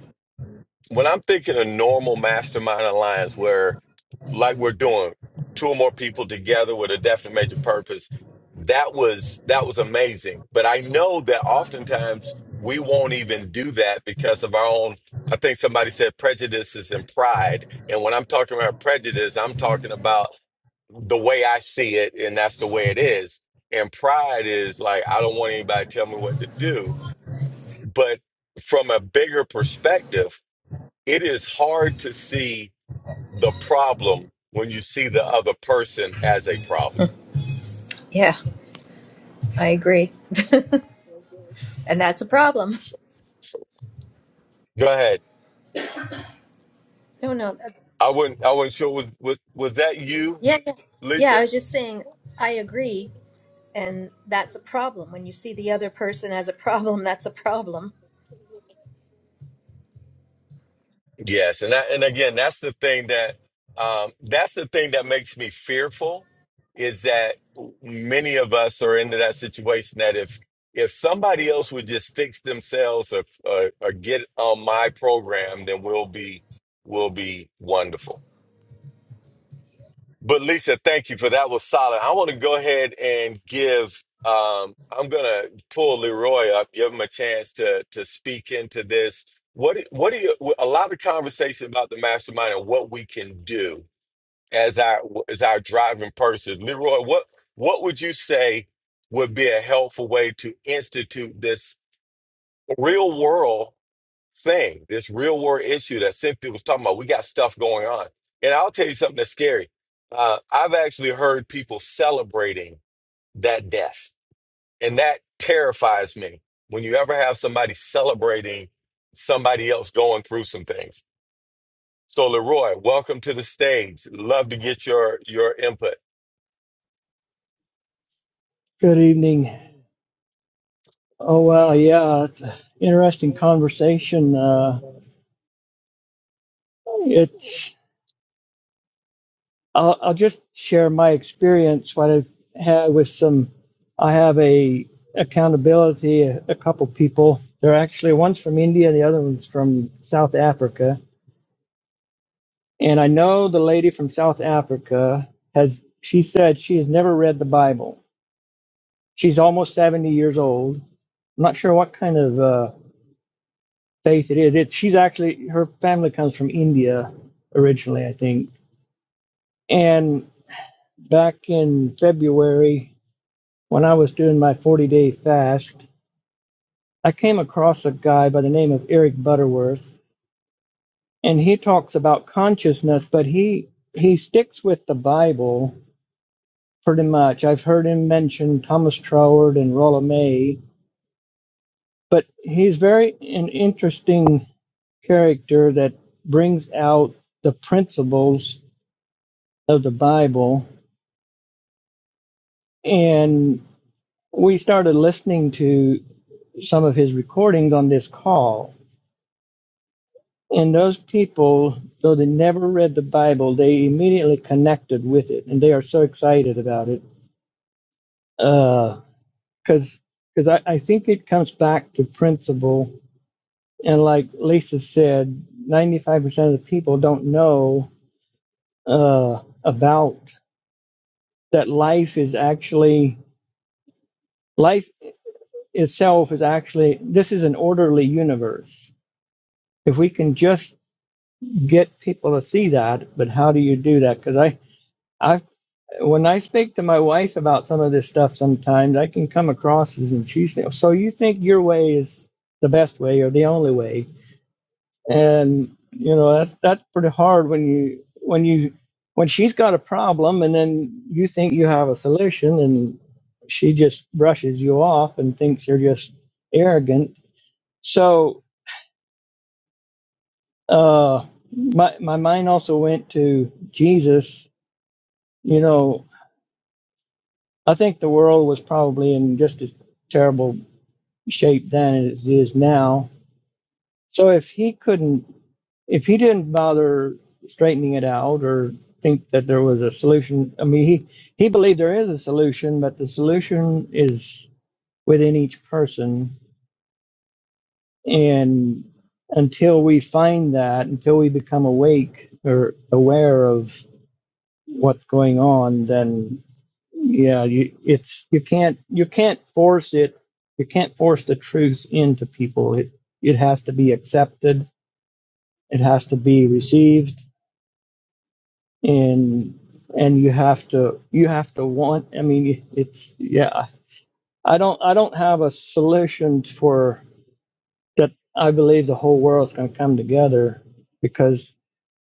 when I'm thinking a normal mastermind alliance where like we're doing two or more people together with a definite major purpose that was that was amazing but i know that oftentimes we won't even do that because of our own i think somebody said prejudices and pride and when i'm talking about prejudice i'm talking about the way i see it and that's the way it is and pride is like i don't want anybody to tell me what to do but from a bigger perspective it is hard to see the problem when you see the other person as a problem. Yeah, I agree. And that's a problem. So, so- go ahead. No, no, that- I wouldn't. I wasn't sure. Was, was was that you, yeah, yeah, yeah. I Lisa? was just saying, I agree, and that's a problem. When you see the other person as a problem, that's a problem. Yes, and that, and again, that's the thing that um, that's the thing that makes me fearful is that many of us are into that situation that if if somebody else would just fix themselves or, or, or get on my program, then we'll be we'll be wonderful But Lisa, thank you for that. Was solid. I want to go ahead and give. Um, I'm gonna pull Leroy up, give him a chance to to speak into this. What what do you? A lot of the conversation about the mastermind and what we can do as our as our driving person. Leroy, what what would you say would be a helpful way to institute this real world? thing, this real world issue that Cynthia was talking about. We got stuff going on. And I'll tell you something that's scary. Uh, I've actually heard people celebrating that death, and that terrifies me when you ever have somebody celebrating somebody else going through some things. So, Leroy, welcome to the stage. Love to get your your input. Good evening. Oh well, yeah, it's a interesting conversation. Uh, it's I'll, I'll just share my experience. What I've had with some, I have a accountability. A, a couple people. They're actually one's from India, the other one's from South Africa. And I know the lady from South Africa has. She said she has never read the Bible. She's almost seventy years old. I'm not sure what kind of. uh, faith it is. It she's actually her family comes from India originally, I think. And back in February, when I was doing my 40 day fast, I came across a guy by the name of Eric Butterworth, and he talks about consciousness, but he he sticks with the Bible pretty much. I've heard him mention Thomas Troward and Rolla May, but he's very an interesting character that brings out the principles of the Bible and we started listening to some of his recordings on this call. And those people, though they never read the Bible, they immediately connected with it, and they are so excited about it. Because uh, because I, I think it comes back to principle, and like Lisa said, ninety five percent of the people don't know uh, about that life is actually life itself is actually this is an orderly universe if we can just get people to see that, but how do you do that? Because I, I, when I speak to my wife about some of this stuff, sometimes I can come across as, and she says, "So you think your way is the best way or the only way?" And you know that's that's pretty hard when you when you when she's got a problem and then you think you have a solution and she just brushes you off and thinks you're just arrogant. So uh, my my mind also went to Jesus You know, I think the world was probably in just as terrible shape then as it is now. So if he couldn't, if he didn't bother straightening it out or think that there was a solution, I mean, he, he believed there is a solution, but the solution is within each person. And until we find that, until we become awake or aware of what's going on, then yeah you it's you can't you can't force it you can't force the truth into people it it has to be accepted it has to be received and and you have to you have to want i mean it's yeah i don't i don't have a solution for that i believe the whole world's going to come together because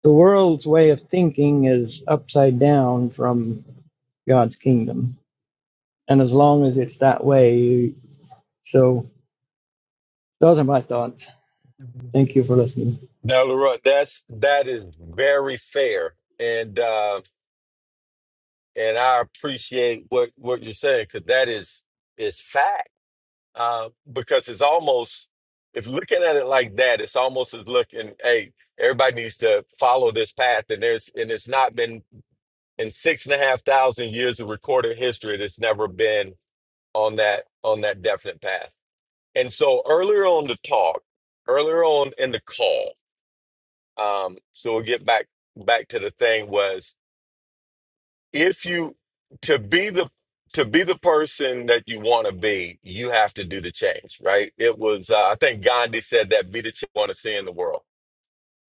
the world's way of thinking is upside down from god's kingdom and as long as it's that way so Those are my thoughts. Thank you for listening. Now, Leroy, that's that is very fair, and uh, and I appreciate what what you're saying because that is is fact uh, because it's almost if looking at it like that, it's almost as looking, hey, everybody needs to follow this path, and there's and it's not been in six and a half thousand years of recorded history, it's never been on that on that definite path. And so earlier on the talk, earlier on in the call, um, so we'll get back back to the thing was if you to be the to be the person that you want to be, you have to do the change, right? It was uh, I think Gandhi said that be the change you want to see in the world.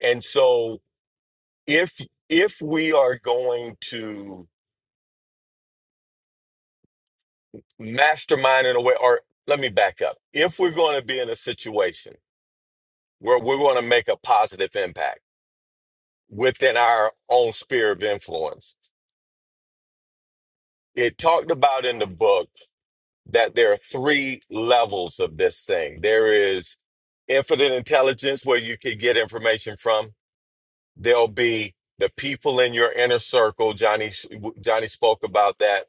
And so if if we are going to mastermind in a way, or let me back up, if we're going to be in a situation where we're going to make a positive impact within our own sphere of influence, it talked about in the book. that there are three levels of this thing. There is infinite intelligence where you can get information from. There'll be the people in your inner circle. Johnny Johnny spoke about that.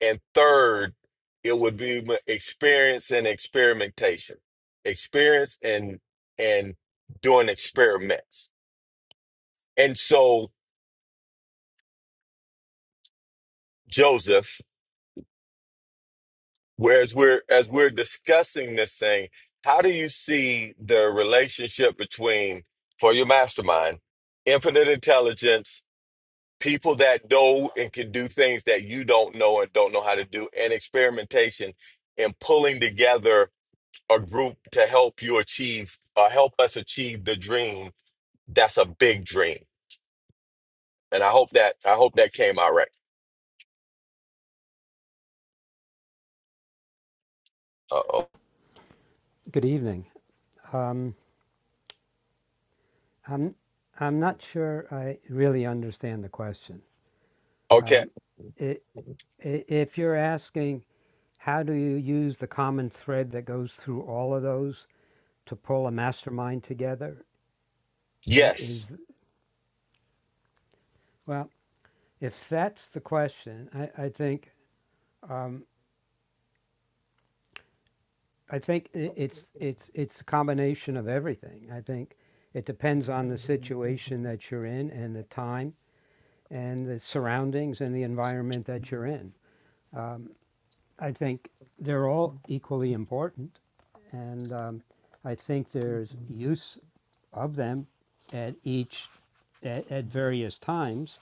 And third, it would be experience and experimentation, experience and and doing experiments. And so Joseph Whereas we're as we're discussing this thing, how do you see the relationship between for your mastermind, infinite intelligence, people that know and can do things that you don't know and don't know how to do, and experimentation and pulling together a group to help you achieve uh, help us achieve the dream that's a big dream. And I hope that I hope that came out right. Uh-oh. Good evening. Um, I'm I'm not sure I really understand the question. Okay. Um, i i if you're asking how do you use the common thread that goes through all of those to pull a mastermind together, i- is Yes. well, if that's the question, I, I think um, I think i it's it's it's a combination of everything. I think it depends on the situation that you're in and the time and the surroundings and the environment that you're in. I think they're all equally important, and um, I think there's use of them at each at, at various times.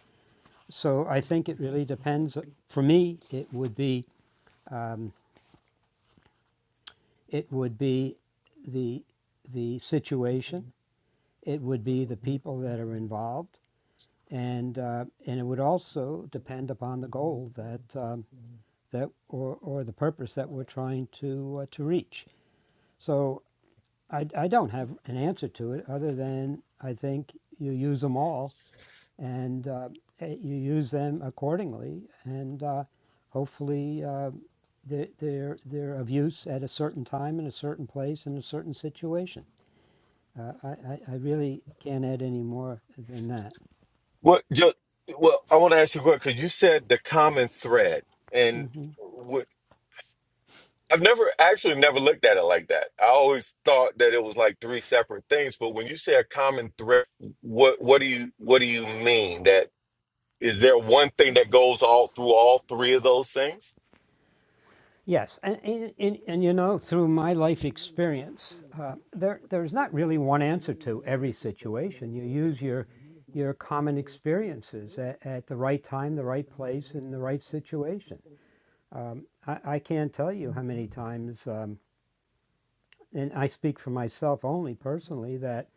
So I think it really depends. For me, it would be um, it would be the the situation. It would be the people that are involved, and uh, and it would also depend upon the goal that um, that or, or the purpose that we're trying to uh, to reach. So I, I don't have an answer to it other than I think you use them all and uh, eh, you use them accordingly, and uh, hopefully uh, they're, they're, they're of use at a certain time in a certain place in a certain situation. Uh, I, I, really can't add any more than that. Well, ju- well, I want to ask you a question because you said the common thread, and hmm what I've never actually never looked at it like that. I always thought that it was like three separate things, but when you say a common thread, what what do you what do you mean? That is there one thing that Okay. goes all through all three of those things? Yes, and and, and, and you know, through my life experience, uh, there there's not really one answer to every situation. You use your your common experiences at, at the right time, the right place, in the right situation. Um, I, I can't tell you how many times, um, and I speak for myself only personally, that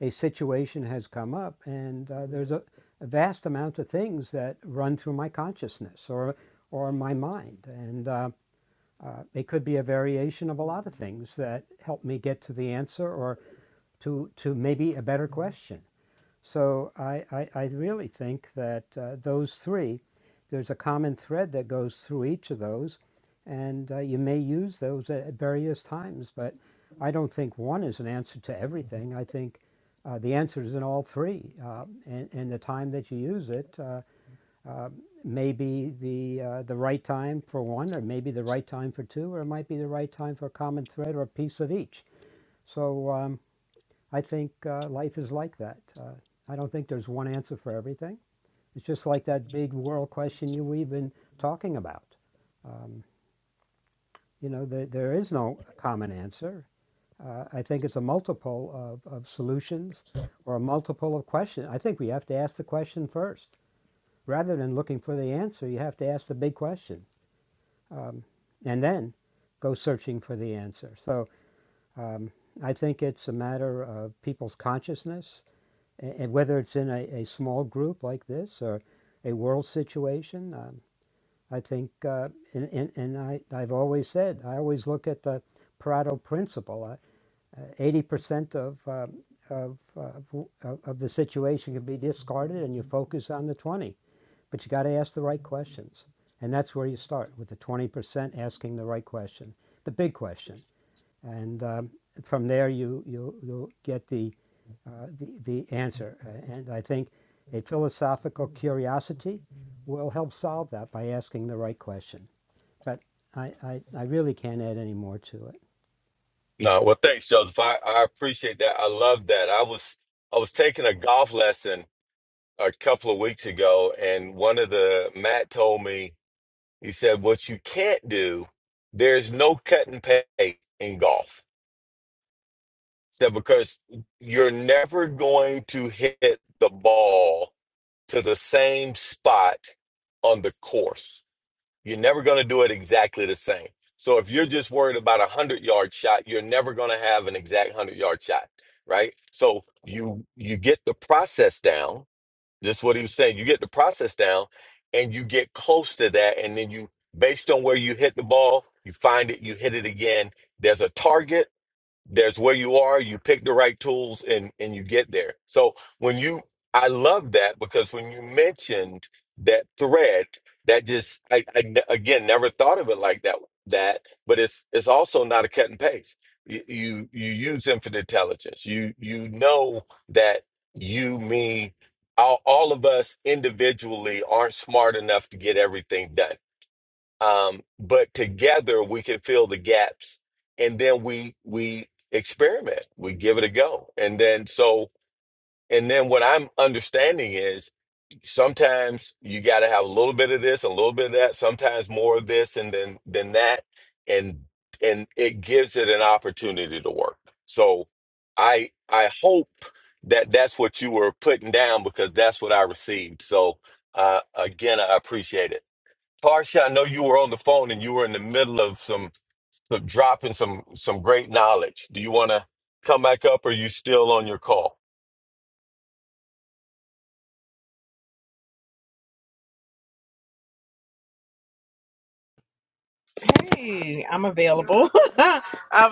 a situation has come up, and uh, there's a, a vast amount of things that run through my consciousness or or my mind, and. Uh, uh, it could be a variation of a lot of things that help me get to the answer or to to maybe a better question. So I I, I really think that uh, those three, there's a common thread that goes through each of those, and uh, you may use those at various times. But I don't think one is an answer to everything. I think uh, the answer is in all three, uh, and, and the time that you use it. uh, uh, maybe the uh, the right time for one, or maybe the right time for two, or it might be the right time for a common thread or a piece of each. So um, I think uh, life is like that. Uh, I don't think there's one answer for everything. It's just like that big world question you we've been talking about. Um, you know, there, there is no common answer. Uh, I think it's a multiple of, of solutions or a multiple of questions. I think we have to ask the question first. Rather than looking for the answer, you have to ask the big question um, and then go searching for the answer. So um, I think it's a matter of people's consciousness, and whether it's in a, a small group like this or a world situation. Um, I think, uh, and, and, and I, I've always said, I always look at the Pareto principle. Uh, uh, Eighty percent of um of, uh, of, of the situation can be discarded, and you focus on the twenty. But you got to ask the right questions. And that's where you start with the 20% asking the right question, the big question. And um, from there, you, you, you'll get the, uh, the, the answer. And I think a philosophical curiosity will help solve that by asking the right question. But I, I, I really can't add any more to it. No, well, thanks, Joseph. I, I appreciate that. I love that. I was I was taking a golf lesson a couple of weeks ago, and one of the Matt told me he said, "What you can't do, there's no cut and pay in golf." Said because you're never going to hit the ball to the same spot on the course you're never going to do it exactly the same. So if you're just worried about a 100 yard shot, you're never going to have an exact 100 yard shot, right? So you you get the process down. Just what he was saying, you get the process down and you get close to that and then you based on where you hit the ball, you find it, you hit it again. There's a target there's where you are you pick the right tools and and you get there so when you i love that because when you mentioned that thread that just i, I ne- again never thought of it like that that but it's it's also not a cut and paste you you, you use infinite intelligence you you know that you me all, all of us individually aren't smart enough to get everything done um, but together we can fill the gaps and then we we experiment we give it a go and then so and then what i'm understanding is sometimes you got to have a little bit of this a little bit of that sometimes more of this and then than that and and it gives it an opportunity to work so i i hope that that's what you were putting down because that's what i received so uh again i appreciate it Tarsha, I know you were on the phone and you were in the middle of some, some dropping some some great knowledge. Do you want to come back up, or you still on your call? Hey, I'm available. I've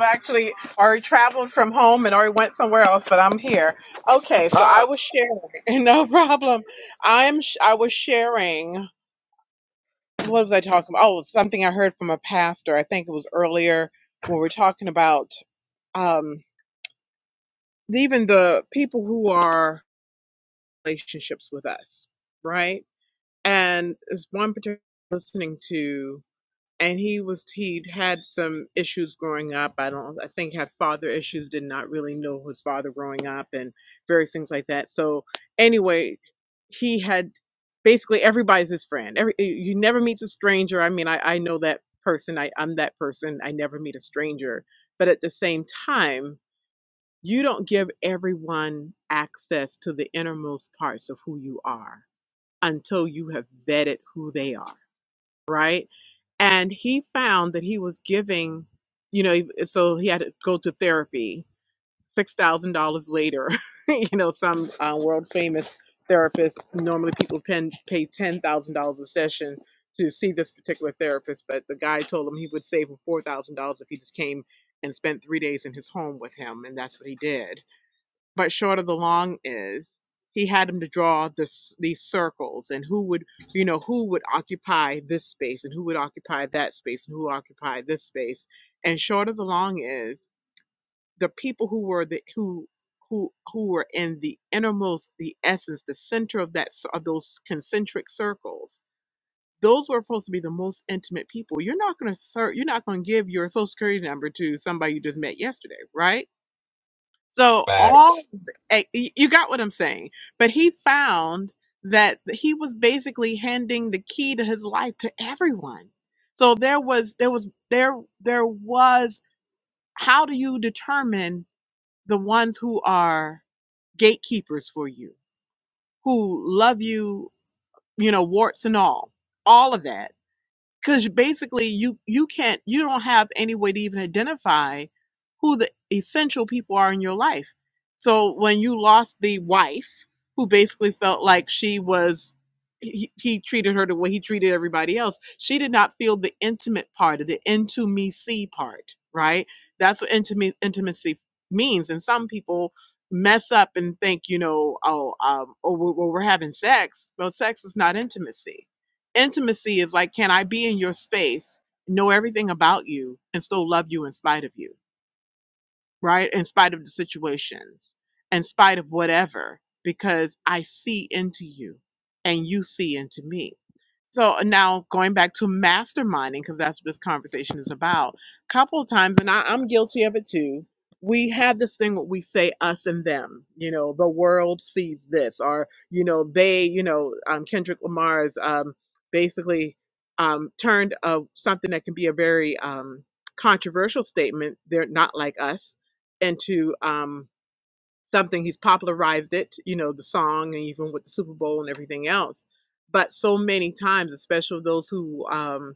actually already traveled from home and already went somewhere else, but I'm here. Okay, so I Ah, was sharing. No problem. I'm. sh- I was sharing. What was I talking about? Oh, something I heard from a pastor. I think it was earlier when we were talking about um, even the people who are relationships with us, right? and there's one particular I was listening to and he was he'd had some issues growing up i don't i think had father issues did not really know his father growing up and various things like that so anyway he had basically everybody's his friend every you never meet a stranger i mean i, I know that person I, i'm that person i never meet a stranger but at the same time you don't give everyone access to the innermost parts of who you are until you have vetted who they are, right? And he found that he was giving, you know, so he had to go to therapy. Six thousand dollars later, you know, some uh, world famous therapist. Normally, people pen, pay ten thousand dollars a session to see this particular therapist, but the guy told him he would save him four thousand dollars if he just came and spent three days in his home with him, and that's what he did but short of the long is he had him to draw this these circles and who would you know who would occupy this space and who would occupy that space and who occupy this space and short of the long is the people who were the who who who were in the innermost the essence the center of that of those concentric circles those were supposed to be the most intimate people you're not going to serve you're not going to give your social security number to somebody you just met yesterday right so thanks. all eh, you got what I'm saying, but he found that he was basically handing the key to his life to everyone. So there was there was there there was how do you determine the ones who are gatekeepers for you, who love you, you know, warts and all, all of that because basically you you can't you don't have any way to even identify who the essential people are in your life so when you lost the wife who basically felt like she was he, he treated her the way he treated everybody else she did not feel the intimate part of the intimacy part right that's what intimate intimacy means and some people mess up and think you know oh um oh, well, well, we're having sex well sex is not intimacy Intimacy is like, can I be in your space, know everything about you, and still love you in spite of you? right? In spite of the situations, in spite of whatever, because I see into you and you see into me. So uh, now going back to masterminding, because that's what this conversation is about. A Couple of times, and I, I'm guilty of it too. We have this thing where we say us and them, you know, the world sees this, or you know, they, you know, um, Kendrick Lamar's um, basically um, turned of something that can be a very um, controversial statement. They're not like us into um, something. He's popularized it, you know, the song, and even with the Super Bowl and everything else. But so many times, especially those who um,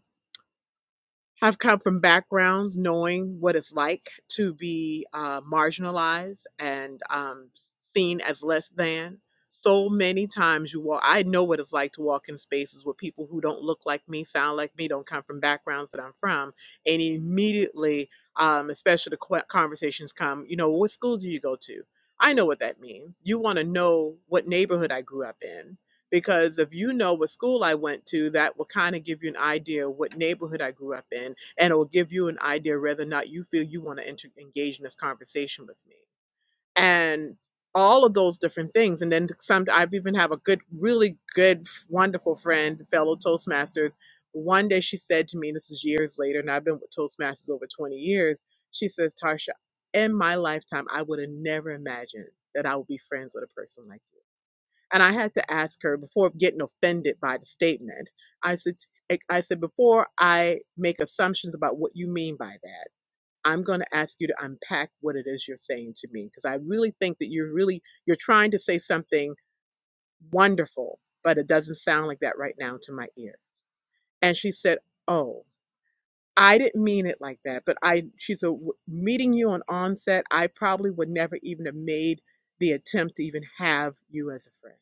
have come from backgrounds knowing what it's like to be uh, marginalized and um, seen as less than. So many times you walk, I know what it's like to walk in spaces with people who don't look like me, sound like me, don't come from backgrounds that I'm from. And immediately, um, especially the que- conversations come, you know, what school do you go to? I know what that means. You want to know what neighborhood I grew up in because if you know what school I went to, that will kind of give you an idea of what neighborhood I grew up in, and it will give you an idea whether or not you feel you want to enter- engage in this conversation with me. And all of those different things. And then some, I've even have a good, really good, wonderful friend, fellow Toastmasters. One day she said to me, this is years later, and I've been with Toastmasters over 20 years. She says, Tarsha, in my lifetime, I would have never imagined that I would be friends with a person like you and I had to ask her before getting offended by the statement. I said, I said, before I make assumptions about what you mean by that, I'm going to ask you to unpack what it is you're saying to me because I really think that you're really you're trying to say something wonderful, but it doesn't sound like that right now to my ears. And she said, "Oh, I didn't mean it like that, but I she said "W- meeting you on onset, I probably would never even have made the attempt to even have you as a friend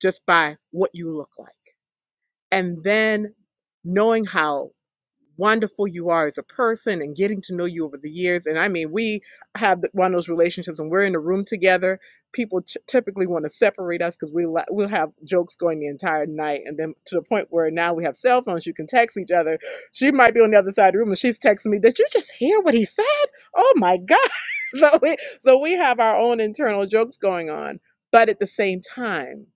just by what you look like." And then knowing how wonderful you are as a person and getting to know you over the years. And I mean, we have one of those relationships when we're in a room together. People t- typically want to separate us because we la- we'll have jokes going the entire night, and then to the point where now we have cell phones. You can text each other. She might be on the other side of the room, and she's texting me. Did you just hear what he said? Oh my god! so we so we have our own internal jokes going on, but at the same time.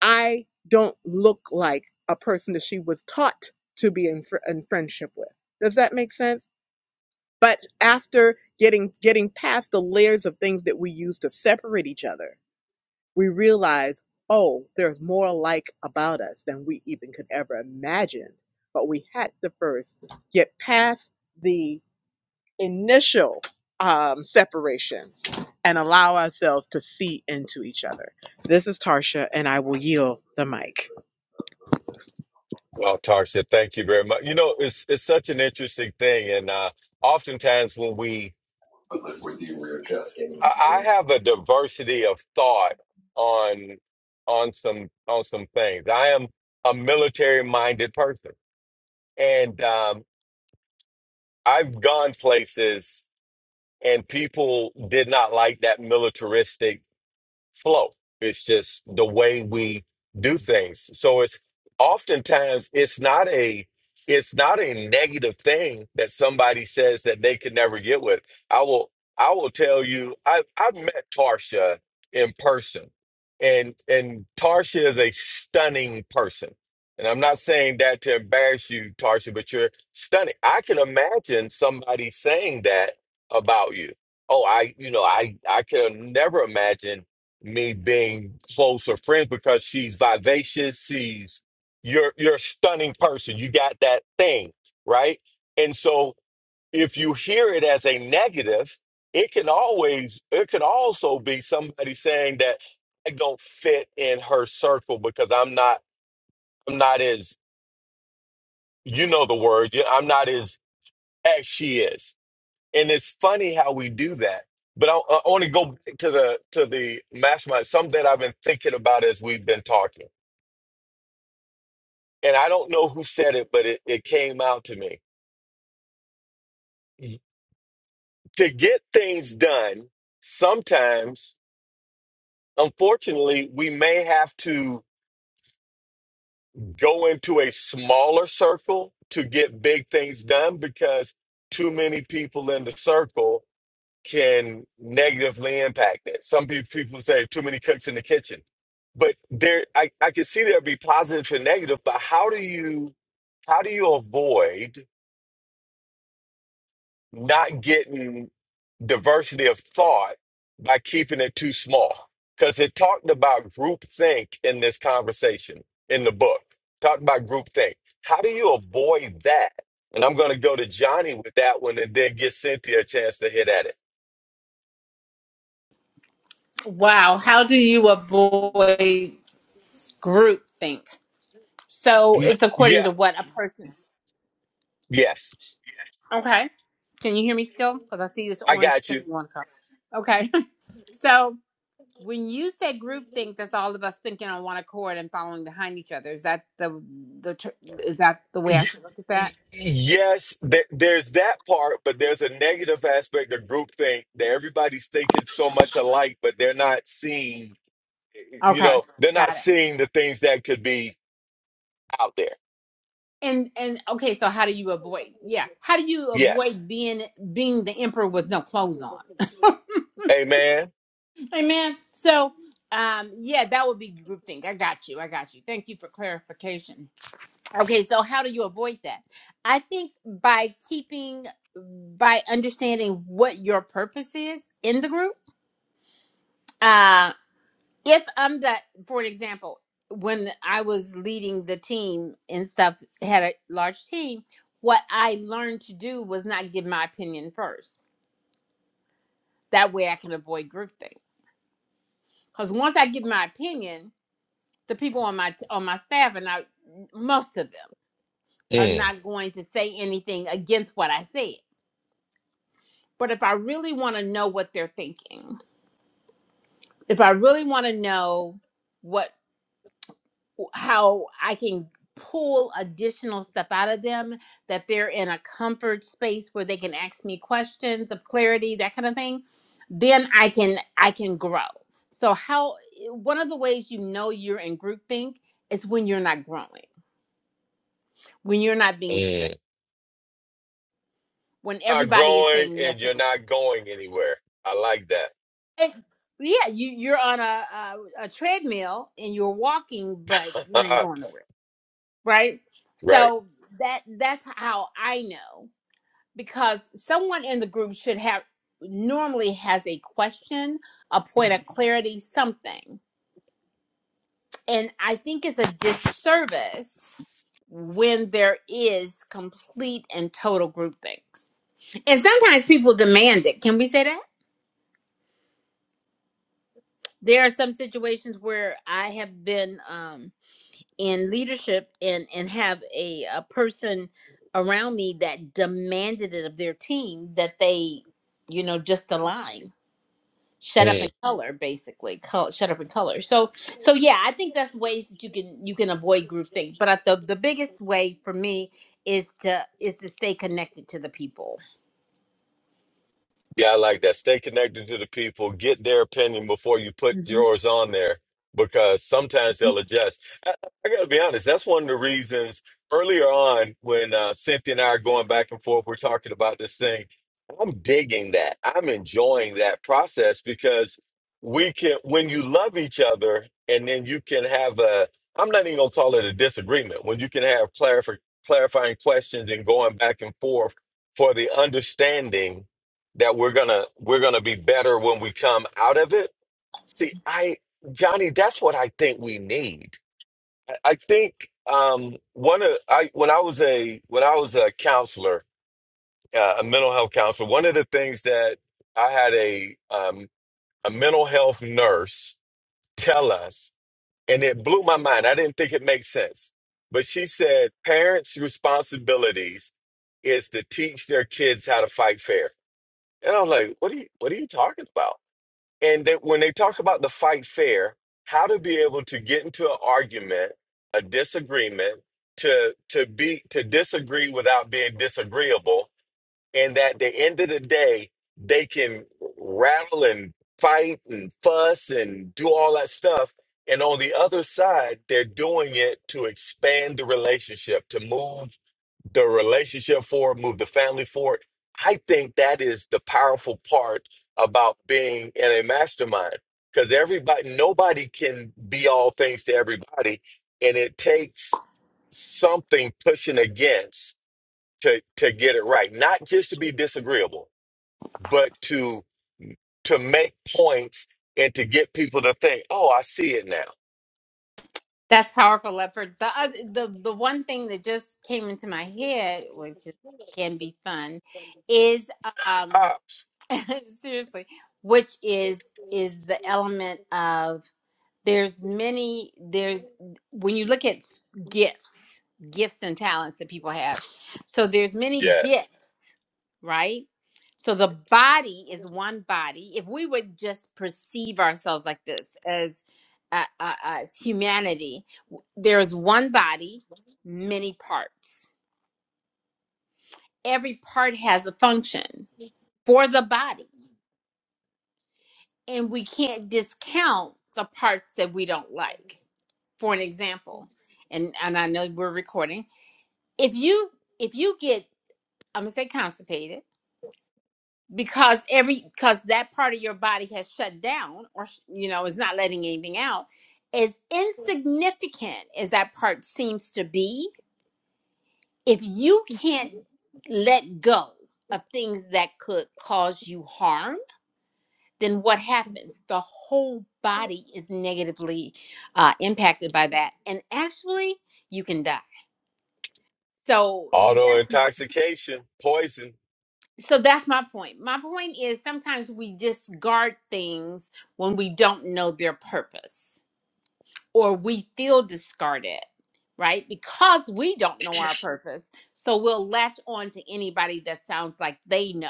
I don't look like a person that she was taught to be in, fr- in friendship with. Does that make sense? But after getting getting past the layers of things that we use to separate each other, we realize, oh, there's more alike about us than we even could ever imagine. But we had to first get past the initial um, separation and allow ourselves to see into each other. This is Tarsha, and I will yield the mic. Well, Tarsha, thank you very much. You know, it's it's such an interesting thing, and uh, oftentimes when we, with you where your chest game I, I museum. have a diversity of thought on on some on some things. I am a military minded person, and um, I've gone places and people did not like that militaristic flow. It's just the way we do things. So it's oftentimes it's not a it's not a negative thing that somebody says that they can never get with. I will I will tell you I I've met Tarsha in person. And and Tarsha is a stunning person. And I'm not saying that to embarrass you, Tarsha, but you're stunning. I can imagine somebody saying that about you. Oh, I, you know, I I could never imagine me being closer friends because she's vivacious. She's you're you're a stunning person. You got that thing, right? And so if you hear it as a negative, it can always it can also be somebody saying that I don't fit in her circle because I'm not I'm not as you know the word yeah, I'm not as as she is. And it's funny how we do that. But I, I want to go back to the to the mastermind. Something that I've been thinking about as we've been talking and I don't know who said it, but it, it came out to me. To get things done, sometimes, unfortunately, we may have to go into a smaller circle to get big things done because too many people in the circle can negatively impact it. Some pe- people say too many cooks in the kitchen. But there I, I can see there'd be positive and negative, but how do you how do you avoid not getting diversity of thought by keeping it too small. Because it talked about groupthink in this conversation in the book. Talked about groupthink. How do you avoid that? And I'm going to go to Johnny with that one and then get Cynthia a chance to hit at it. Wow, how do you avoid groupthink? So N- it's according Yeah, to what a person. yes, Okay, can you hear me still? Because I see this I orange got you. thing on top. Okay, so when you say groupthink, that's all of us thinking on one accord and following behind each other. Is that the the ter- is that the way I Y- should look at y- that? Yes, there- there's that part, but there's a negative aspect of groupthink that everybody's thinking so much alike, but they're not seeing you Okay, know, they're not got it. seeing the things that could be out there. And and okay, so how do you avoid? Yeah, how do you Yes. avoid being being the emperor with no clothes on? Amen. Amen. So, um, yeah, that would be groupthink. I got you. I got you. Thank you for clarification. Okay, so how do you avoid that? I think by keeping, by understanding what your purpose is in the group. Uh, if I'm the, for an example, when I was leading the team and stuff, had a large team, what I learned to do was not give my opinion first. That way I can avoid groupthink. Because once I give my opinion, the people on my on my staff are not most of them are Mm, not going to say anything against what I said. But if I really want to know what they're thinking, if I really want to know what how I can pull additional stuff out of them that they're in a comfort space where they can ask me questions of clarity, that kind of thing, then I can I can grow. So how eh, one of the ways you know you're in groupthink is when you're not growing, when you're not being stretched mm. when Not everybody is growing saying and yes and you're not going anywhere. I like no. and, yeah, you you're on a, a a treadmill and you're walking, but you ain't that. going nowhere, right? right. So that that's how I know because someone in the group should have normally has a question, a point of clarity, something, and I think it's a disservice when there is complete and total groupthink. And sometimes people demand it. Can we say that? there are some situations where I have been um, in leadership and and have a, a person around me that demanded it of their team that they, you know, just align, shut up and color, basically, Col- shut up and color. So so yeah, I think that's ways that you can you can avoid groupthink. But I, the the biggest way for me is to is to stay connected to the people. guy like that. Stay connected to the people. Get their opinion before you put yours on there because sometimes they'll adjust. I, I got to be honest. That's one of the reasons earlier on when uh, Cynthia and I are going back and forth, we're talking about this thing. I'm digging that. I'm enjoying that process because we can, when you love each other and then you can have a, I'm not even going to call it a disagreement, when you can have clarif- clarifying questions and going back and forth for the understanding that we're gonna we're gonna be better when we come out of it see i johnny that's what i think we need i, I think um one of i when i was a when i was a counselor uh, a mental health counselor one of the things that i had a um a mental health nurse tell us and it blew my mind i didn't think it made sense but she said parents responsibilities is to teach their kids how to fight fair and i was like what are you what are you talking about And that when they talk about the fight fair, how to be able to get into an argument, a disagreement, to to be to disagree without being disagreeable and that the end of the day they can rattle and fight and fuss and do all that stuff and on the other side they're doing it to expand the relationship to move the relationship forward move the family forward i think that is the powerful part about being in a mastermind because everybody nobody can be all things to everybody and it takes something pushing against to to get it right not just to be disagreeable but to to make points and to get people to think oh i see it now That's powerful, Leopard. The oth- the the one thing that just came into my head, which is- can be fun, is um ah, seriously, which is is the element of there's many there's when you look at gifts, gifts and talents that people have. So there's many yes gifts right? So the body is one body. If we would just perceive ourselves like this as uh, uh, as humanity, w- there's one body, many parts. Every part has a function for the body, and we can't discount the parts that we don't like. For an example, and and I know we're recording. If you if you get I'm gonna say constipated because every because that part of your body has shut down or sh- you know is not letting anything out as insignificant as that part seems to be if you can't let go of things that could cause you harm then what happens the whole body is negatively uh, impacted by that and actually you can die so auto that's my intoxication poison so that's my point. My point is sometimes we discard things when we don't know their purpose or we feel discarded, right? Because we don't know our purpose. So we'll latch on to anybody that sounds like they know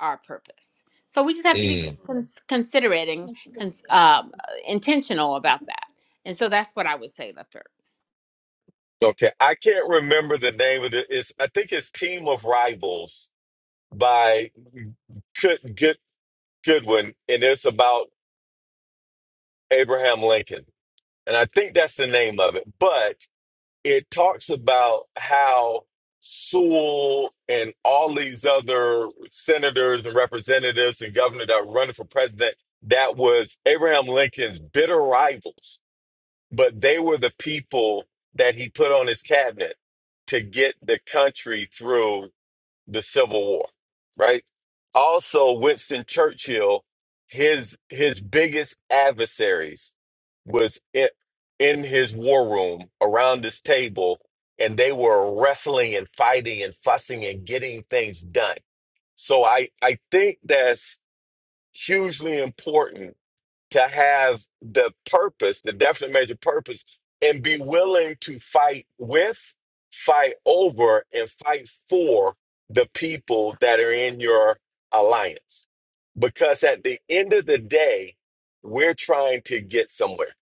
our purpose. So we just have to be Mm. cons- considerate and cons- um, intentional about that. And so that's what I would say, Lefter. okay i can't remember the name of it it's i think it's team of rivals by good good goodwin and it's about abraham lincoln and i think that's the name of it but. it talks about how Sewell and all these other senators and representatives and governors that were running for president, that was Abraham Lincoln's bitter rivals, but they were the people that he put on his cabinet to get the country through the Civil War, right? Also, Winston Churchill, his his biggest adversaries was in, in his war room around this table, and they were wrestling and fighting and fussing and getting things done. So I I think that's hugely important to have the purpose, the definite major purpose, and be willing to fight with, fight over, and fight for the people that are in your alliance. Because at the end of the day, we're trying to get somewhere,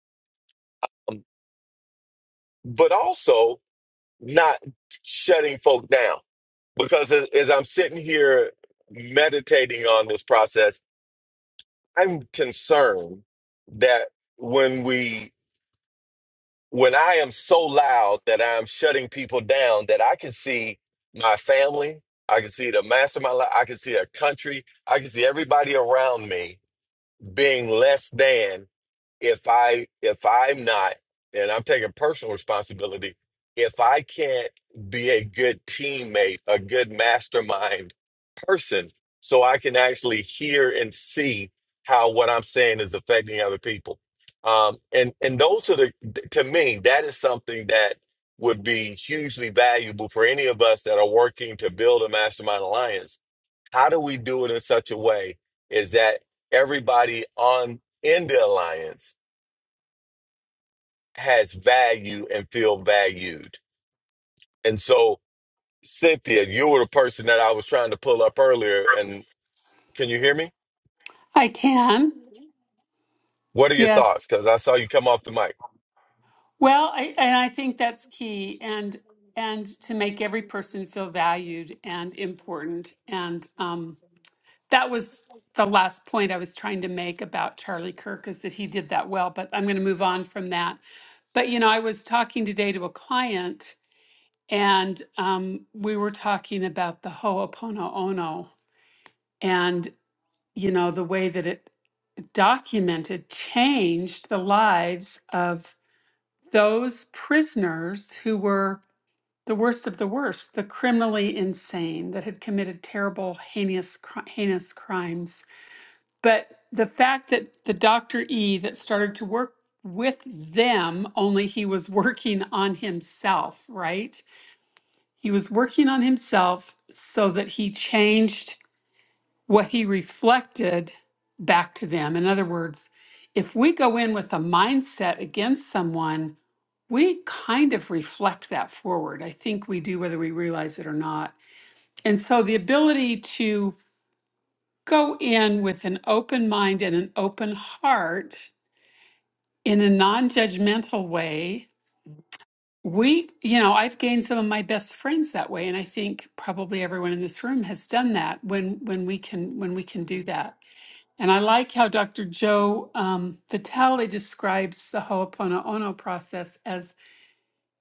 Um, but also not shutting folk down. Because as, as I'm sitting here meditating on this process, I'm concerned that when we when I am so loud that I'm shutting people down, that I can see my family, I can see the mastermind, I can see a country, I can see everybody around me being less than if I if I'm not, and I'm taking personal responsibility, if I can't be a good teammate, a good mastermind person, so I can actually hear and see how what I'm saying is affecting other people. Um, and and those are the to me that is something that would be hugely valuable for any of us that are working to build a mastermind alliance. How do we do it in such a way is that everybody on in the alliance has value and feel valued. And so, Cynthia, you were the person that I was trying to pull up earlier. And can you hear me? I can. What are your Yes. thoughts? Because I saw you come off the mic. Well, I, and I think that's key and and to make every person feel valued and important. And um, that was the last point I was trying to make about Charlie Kirk is that he did that well, but I'm going to move on from that. But you know, I was talking today to a client and um, we were talking about the Ho'oponopono and you know the way that it documented changed the lives of those prisoners who were the worst of the worst, the criminally insane that had committed terrible, heinous, cri- heinous crimes. But the fact that the Dr. E that started to work with them, only he was working on himself, right? He was working on himself so that he changed what he reflected back to them. In other words, if we go in with a mindset against someone, we kind of reflect that forward. I think we do, whether we realize it or not. And so the ability to go in with an open mind and an open heart in a non judgmental way. We, you know, I've gained some of my best friends that way, and I think probably everyone in this room has done that when when we can when we can do that. And I like how Dr. Joe um, Vitale describes the Ho'oponopono process as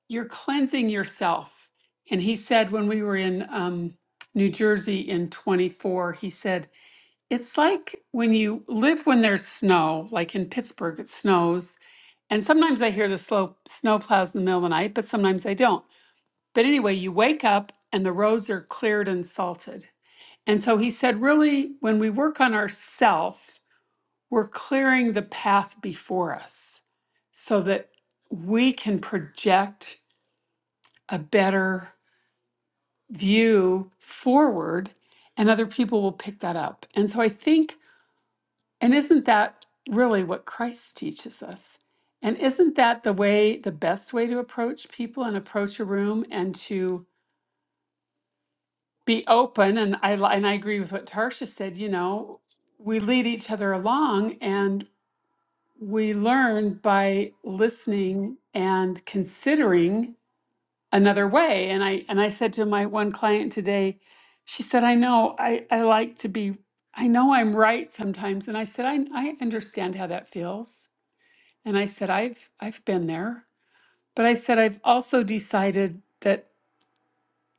you're cleansing yourself. And he said when we were in um, New Jersey in 24, he said, it's like when you live when there's snow, like in Pittsburgh, it snows. And sometimes I hear the slow snow plows in the middle of the night, but sometimes I don't. But anyway, you wake up and the roads are cleared and salted. And so he said, really, when we work on ourself we're clearing the path before us so that we can project a better view forward and other people will pick that up. And so I think, and isn't that really what Christ teaches us? And isn't that the way, the best way to approach people and approach a room and to be open? And I, and I agree with what Tarsha said, you know, we lead each other along and. we learn by listening and considering another way and i and i said to my one client today she said i know i i like to be i know i'm right sometimes and i said i i understand how that feels and i said i've i've been there but i said i've also decided that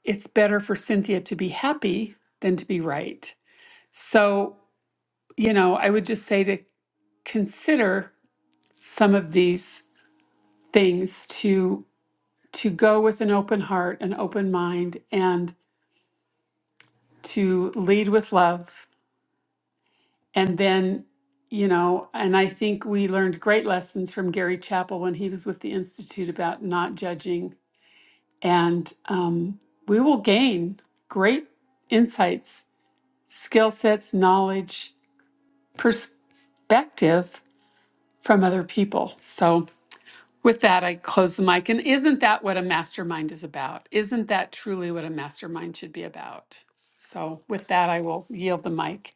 it's better for cynthia to be happy than to be right so you know i would just say to consider some of these things to to go with an open heart, an open mind, and to lead with love. And then, you know, and I think we learned great lessons from Gary Chapel when he was with the Institute about not judging. And um, we will gain great insights, skill sets, knowledge, perspective from other people. So, With that, I close the mic. And isn't that what a mastermind is about? Isn't that truly what a mastermind should be about? So, with that, I will yield the mic.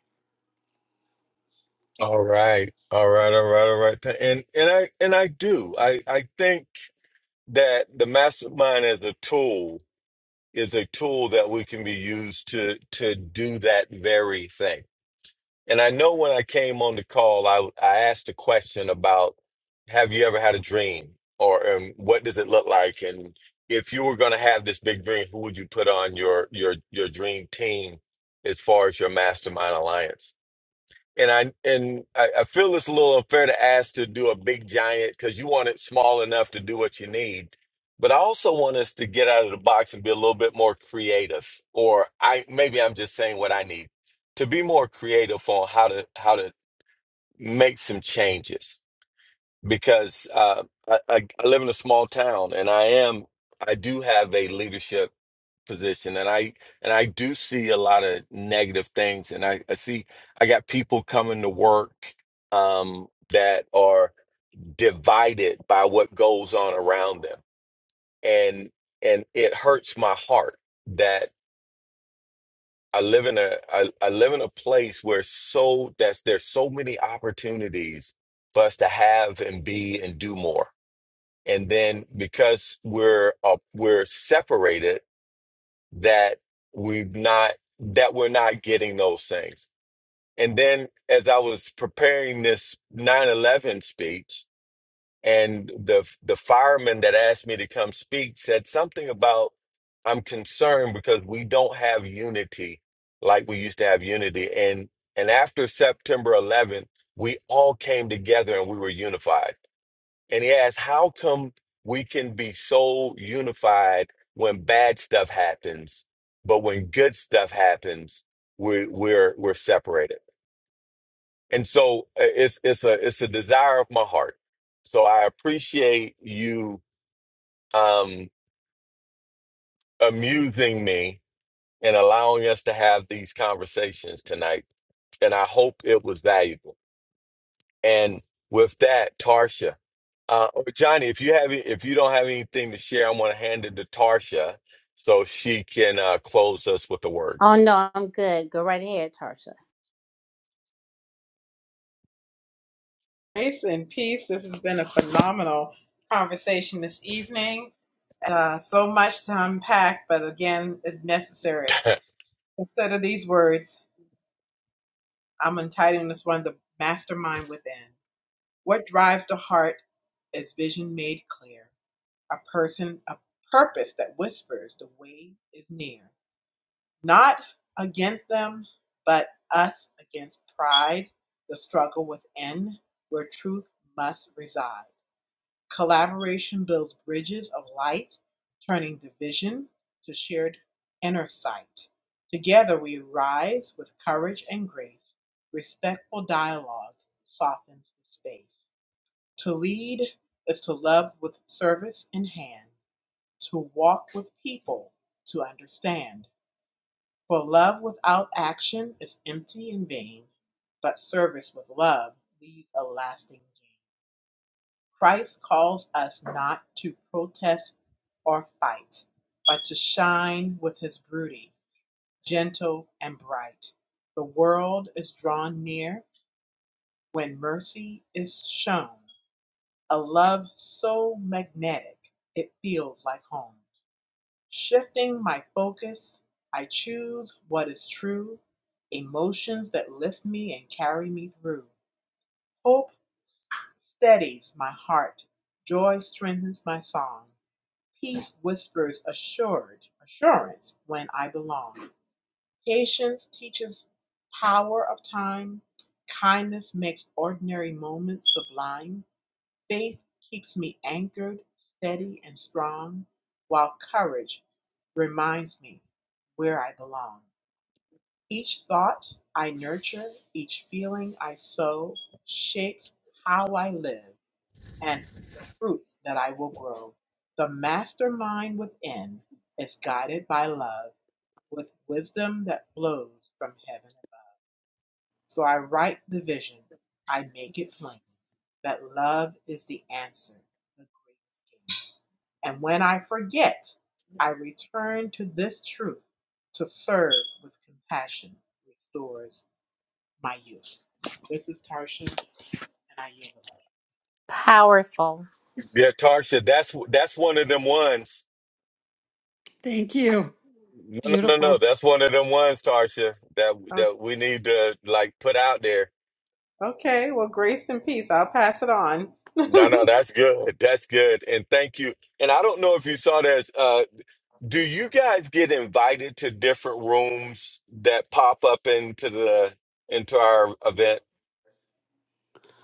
All right, all right, all right, all right. And and I and I do. I I think that the mastermind as a tool is a tool that we can be used to to do that very thing And I know when I came on the call, I I asked a question about have you ever had a dream or um, what does it look like? And if you were going to have this big dream, who would you put on your your your dream team as far as your mastermind alliance? And I and I, I feel it's a little unfair to ask to do a big giant because you want it small enough to do what you need. But I also want us to get out of the box and be a little bit more creative. Or I maybe I'm just saying what I need to be more creative on how to how to make some changes because uh, I, I, I live in a small town and I am I do have a leadership position and I and I do see a lot of negative things and I, I see I got people coming to work um, that are divided by what goes on around them and and it hurts my heart that I live in a I, I live in a place where so that's there's so many opportunities for us to have and be and do more and then because we're uh, we're separated that we've not that we're not getting those things and then as i was preparing this 9-11 speech and the the fireman that asked me to come speak said something about i'm concerned because we don't have unity like we used to have unity and and after september 11th we all came together and we were unified and he asked, How come we can be so unified when bad stuff happens, but when good stuff happens, we, we're we're separated? And so uh, it's it's a it's a desire of my heart. So I appreciate you um amusing me and allowing us to have these conversations tonight. And I hope it was valuable. And with that, Tarsha, uh, oh, Johnny, if you have if you don't have anything to share, I'm going to hand it to Tarsha so she can uh, close us with the word. Oh no, I'm good. Go right ahead, Tarsha. Grace and peace. This has been a phenomenal conversation this evening. Uh, so much to unpack, but again, it's necessary. Consider these words. I'm entitling this one The Mastermind Within. What drives the heart is vision made clear, a person, a purpose that whispers the way is near. not against them, but us against pride, the struggle within, where truth must reside. Collaboration builds bridges of light, turning division to shared inner sight. Together we rise with courage and grace. Respectful dialogue softens the space. To lead is to love with service in hand, to walk with people, to understand for love without action is empty and vain, but service with love leaves a lasting gain. Christ calls us not to protest or fight, but to shine with his beauty, gentle and bright. The world is drawn near when mercy is shown, a love so magnetic it feels like home. Shifting my focus, I choose what is true, emotions that lift me and carry me through. Hope steadies my heart, joy strengthens my song, peace whispers assured assurance when I belong. Patience teaches power of time, kindness makes ordinary moments sublime. Faith keeps me anchored, steady, and strong, while courage reminds me where I belong. Each thought I nurture, each feeling I sow, shapes how I live and the fruits that I will grow. The mastermind within is guided by love with wisdom that flows from heaven above. So I write the vision, I make it plain that love is the answer, the greatest game. And when I forget, I return to this truth to serve with compassion restores my youth. This is Tarsha, and I yield. Powerful. yeah, Tarsha, that's that's one of them ones. Thank you. No, no, no, no. Beautiful. That's one of them ones, Tarsha, that that we need to like put out there. Oh, okay, well, grace and peace. I'll pass it on. No, no, that's good. That's good. And thank you. And I don't know if you saw this. uh, Do you guys get invited to different rooms that pop up into the into our event?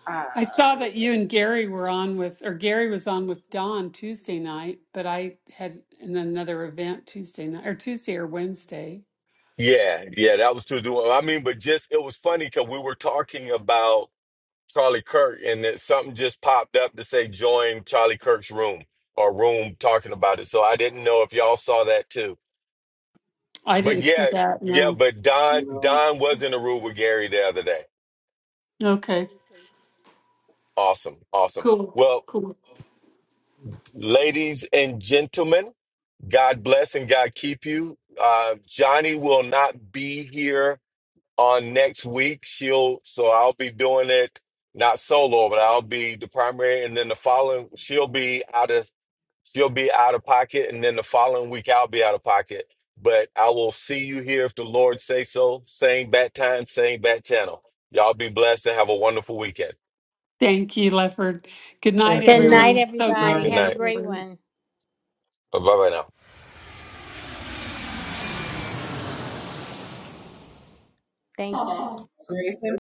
uh, I saw that you and Gary were on with, or Gary was on with Dawn Tuesday night, but I had in another event Tuesday night, or Tuesday or Wednesday. Yeah, yeah, that was to do. I mean, but just it was funny because we were talking about Charlie Kirk, and that something just popped up to say join Charlie Kirk's room or room talking about it. So I didn't know if y'all saw that too. I But didn't see yeah, that. yeah, No. but Don You know, Don was in a room with Gary the other day. Okay. Awesome, awesome. Cool. Well, Cool. ladies and gentlemen. God bless and God keep you. Uh, Johnny will not be here on next week. She'll so I'll be doing it not solo, but I'll be the primary, and then the following she'll be out of she'll be out of pocket, and then the following week I'll be out of pocket. But I will see you here if the Lord say so. Same bat time, same bat channel. Y'all be blessed and have a wonderful weekend. Thank you, Lefford. Good All night, right. thank Good you. night, everyone. So Good great night. everybody. to Good Have a hear night. from great you. one. Bye bye now. Thank no. Grace and